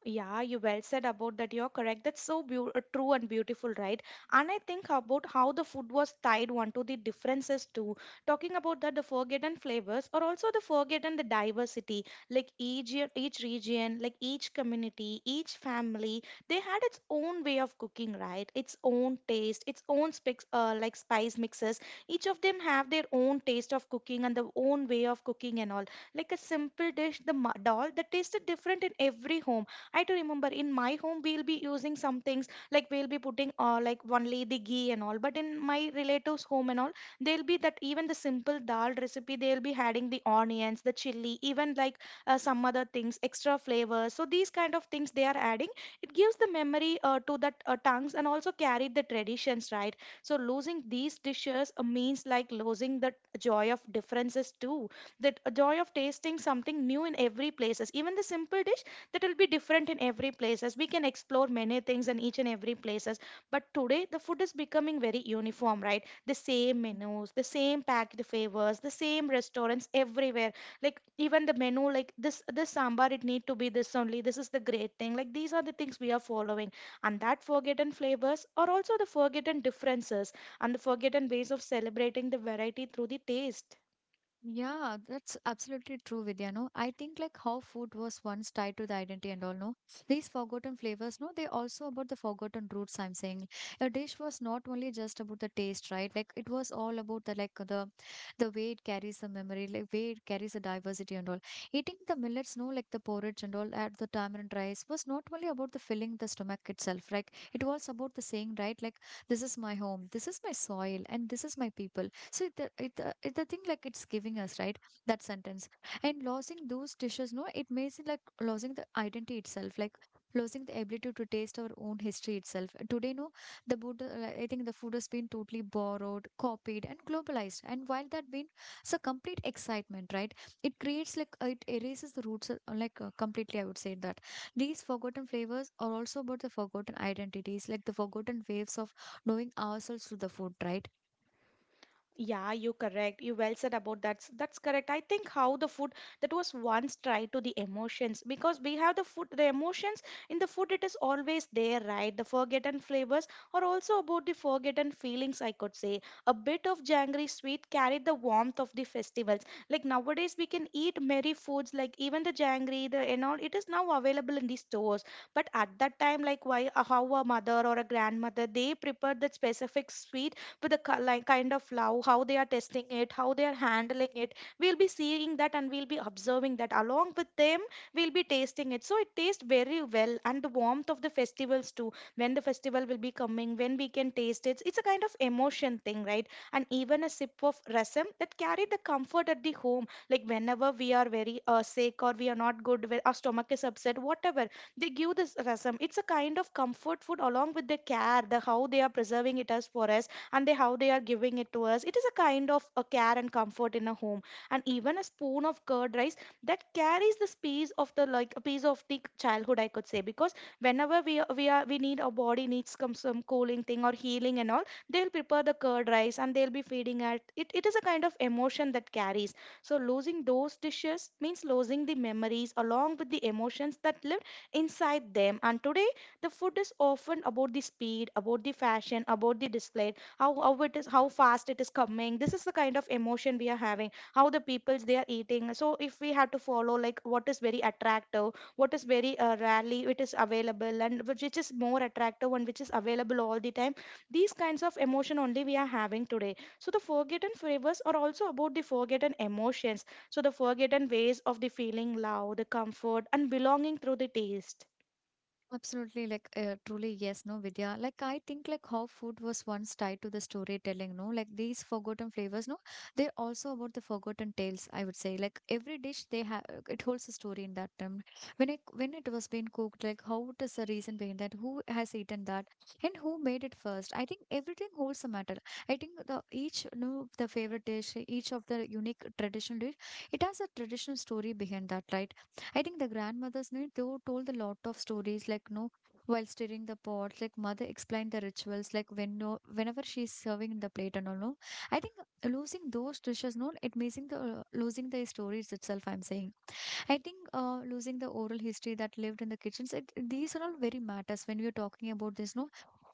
[SPEAKER 2] Yeah, you well said about that. You're correct. That's so true and beautiful, right? And I think about how the food was tied one to the differences too. Talking about that, the forgotten flavors or also the forgotten the diversity, like each region, like each community, each family, they had its own way of cooking, right? Its own taste, its own like spice mixes. Each of them have their own taste of cooking and their own way of cooking and all. Like a simple dish, the dal that tasted different in every home. I do remember in my home we'll be using some things, like we'll be putting like only the ghee and all. But in my relatives' home and all, they'll be that even the simple dal recipe they'll be adding the onions, the chili, even like some other things, extra flavors. So these kind of things they are adding. It gives the memory to that tongues and also carry the traditions, right? So losing these dishes means like losing the joy of differences too. That joy of tasting something new in every places. Even the simple dish that will be different in every places, we can explore many things in each and every places. But today the food is becoming very uniform, right? The same menus, the same packed favors, the same restaurants everywhere. Like even the menu, like this sambar it need to be this only, this is the great thing. Like these are the things we are following, and that forgotten flavors are also the forgotten differences, and the forgotten ways of celebrating the variety through the taste.
[SPEAKER 1] Yeah, that's absolutely true, Vidya. No, I think like how food was once tied to the identity and all, no. These forgotten flavors, no, they also about the forgotten roots, I'm saying. A dish was not only just about the taste, right? Like it was all about the like the way it carries the memory, like way it carries the diversity and all. Eating the millets, no, like the porridge and all at the tamarind rice was not only about the filling the stomach itself. Like it was about the saying, right? Like this is my home, this is my soil, and this is my people. So the thing like it's giving us, right? That sentence. And losing those dishes, no, it makes it like losing the identity itself, like losing the ability to taste our own history itself. Today, no, the food, I think the food has been totally borrowed, copied, and globalized. And while that been it's a complete excitement, right? It creates like it erases the roots, completely, I would say, that these forgotten flavors are also about the forgotten identities, like the forgotten waves of knowing ourselves through the food, right?
[SPEAKER 2] Yeah, you correct. You well said about that. That's correct. I think how the food that was once tried to the emotions, because we have the food, the emotions in the food. It is always there, right? The forgotten flavors are also about the forgotten feelings, I could say. A bit of jangry sweet carried the warmth of the festivals. Like nowadays, we can eat merry foods, like even the jangry, the and all. It is now available in the stores. But at that time, like why how a mother or a grandmother they prepared that specific sweet with the like kind of love, how they are testing it, how they are handling it. We'll be seeing that and we'll be observing that along with them. We'll be tasting it, so it tastes very well. And the warmth of the festivals too, when the festival will be coming, when we can taste it, it's a kind of emotion thing, right? And even a sip of rasam that carry the comfort at the home, like whenever we are very sick or we are not good, where our stomach is upset, whatever, they give this rasam. It's a kind of comfort food along with the care, the how they are preserving it as for us, and they how they are giving it to us. It is a kind of a care and comfort in a home. And even a spoon of curd rice that carries the space of the like a piece of the childhood, I could say. Because whenever we need our body needs some cooling thing or healing and all, they'll prepare the curd rice and they'll be feeding at it. It is a kind of emotion that carries. So losing those dishes means losing the memories along with the emotions that lived inside them. And today the food is often about the speed, about the fashion, about the display. How it is, how fast it is coming, this is the kind of emotion we are having, how the peoples they are eating. So if we have to follow like what is very attractive, what is very rarely it is available, and which is more attractive, and which is available all the time, these kinds of emotion only we are having today. So the forgotten flavors are also about the forgotten emotions, so the forgotten ways of the feeling love, the comfort and belonging through the taste.
[SPEAKER 1] Absolutely, like truly, yes, no, Vidya. Like I think, like how food was once tied to the storytelling, no, like these forgotten flavors, no, they're also about the forgotten tales, I would say. Like every dish they have, it holds a story in that time. When it was being cooked, like how what is the reason behind that? Who has eaten that, and who made it first? I think everything holds a matter. I think the each no the favorite dish, each of the unique traditional dish, it has a traditional story behind that, right? I think the grandmother's night, they were told a lot of stories, like, no, while stirring the pots, like, mother explained the rituals, like, when no, whenever she's serving the plate and all, no. I think losing those dishes, no, it missing losing the stories itself, I'm saying. I think losing the oral history that lived in the kitchens, it, these are all very matters when we're talking about this, no,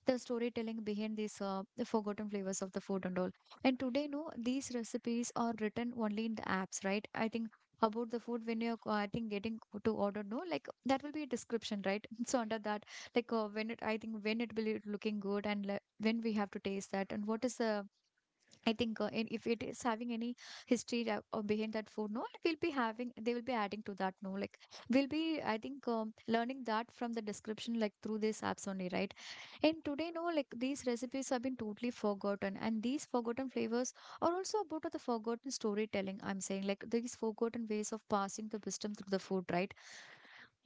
[SPEAKER 1] the storytelling behind the forgotten flavors of the food and all. And today, no, these recipes are written only in the apps, right? I think about the food when I think, getting to order, no, like that will be a description, right? So under that, when it, I think when it will be looking good and like, when we have to taste that and what is the I think and if it is having any history behind that food, no, we'll be having, they will be adding to that, no, like we'll be, I think, learning that from the description, like through these apps only, right? And today, no, like these recipes have been totally forgotten, and these forgotten flavors are also about the forgotten storytelling. I'm saying, like these forgotten ways of passing the wisdom through the food, right?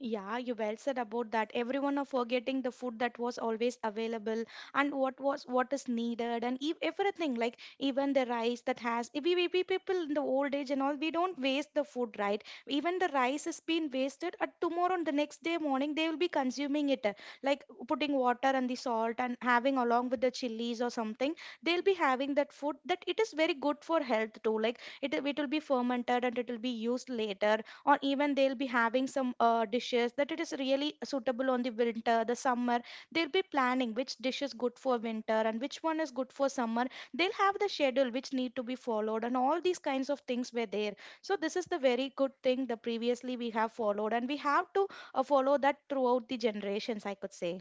[SPEAKER 2] Yeah, you well said about that. Everyone are forgetting the food that was always available and what was what is needed and everything, like even the rice that has we people in the old age and all, we don't waste the food, right? Even the rice has been wasted. At tomorrow on the next day morning they will be consuming it, like putting water and the salt and having along with the chilies or something. They'll be having that food that it is very good for health too. Like it will be fermented and it will be used later. Or even they'll be having some dishes that it is really suitable on the winter. The summer they'll be planning which dish is good for winter and which one is good for summer. They'll have the schedule which need to be followed, and all these kinds of things were there. So this is the very good thing that previously we have followed, and we have to follow that throughout the generations, I could say.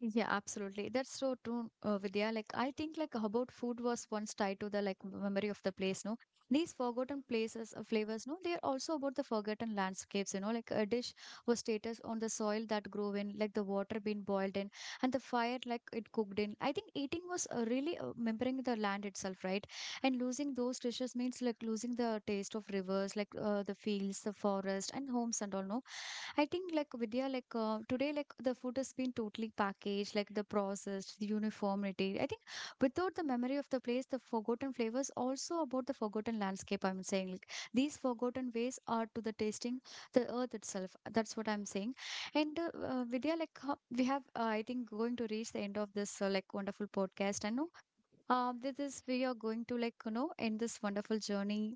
[SPEAKER 1] Yeah, absolutely. That's so true, Vidya. Like, I think like how about food was once tied to the like memory of the place. No, these forgotten flavors. No, they are also about the forgotten landscapes. You know, like a dish was status on the soil that grew in, like the water being boiled in, and the fire like it cooked in. I think eating was really remembering the land itself, right? And losing those dishes means like losing the taste of rivers like the fields the forest and homes and all no I think like Vidya, today, like the food has been totally packaged, like the processed, the uniformity. I think without the memory of the place, the forgotten flavors also about the forgotten landscape. I'm saying like these forgotten ways are to the tasting the earth itself. That's what I'm saying. And Vidya, we have, I think, going to reach the end of this like wonderful podcast. I know, this is we are going to like you know end this wonderful journey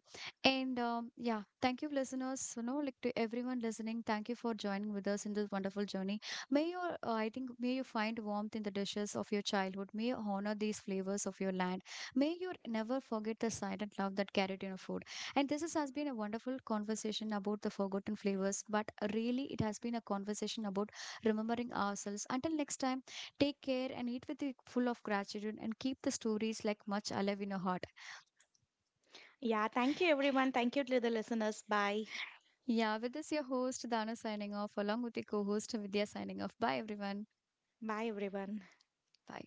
[SPEAKER 1] and yeah thank you listeners you know like to everyone listening thank you for joining with us in this wonderful journey. May your I think may you find warmth in the dishes of your childhood, may you honor these flavors of your land, may you never forget the silent love that carried in your food. And this is, has been a wonderful conversation about the forgotten flavors but really it has been a conversation about remembering ourselves. Until next time, take care and eat with it full of gratitude and keep the stories like much alive in your heart.
[SPEAKER 2] Yeah, thank you everyone. Thank you to the listeners. Bye
[SPEAKER 1] Yeah, with this your host Dana signing off along with your co-host Vidya signing off. Bye everyone.
[SPEAKER 2] bye everyone.
[SPEAKER 1] Bye.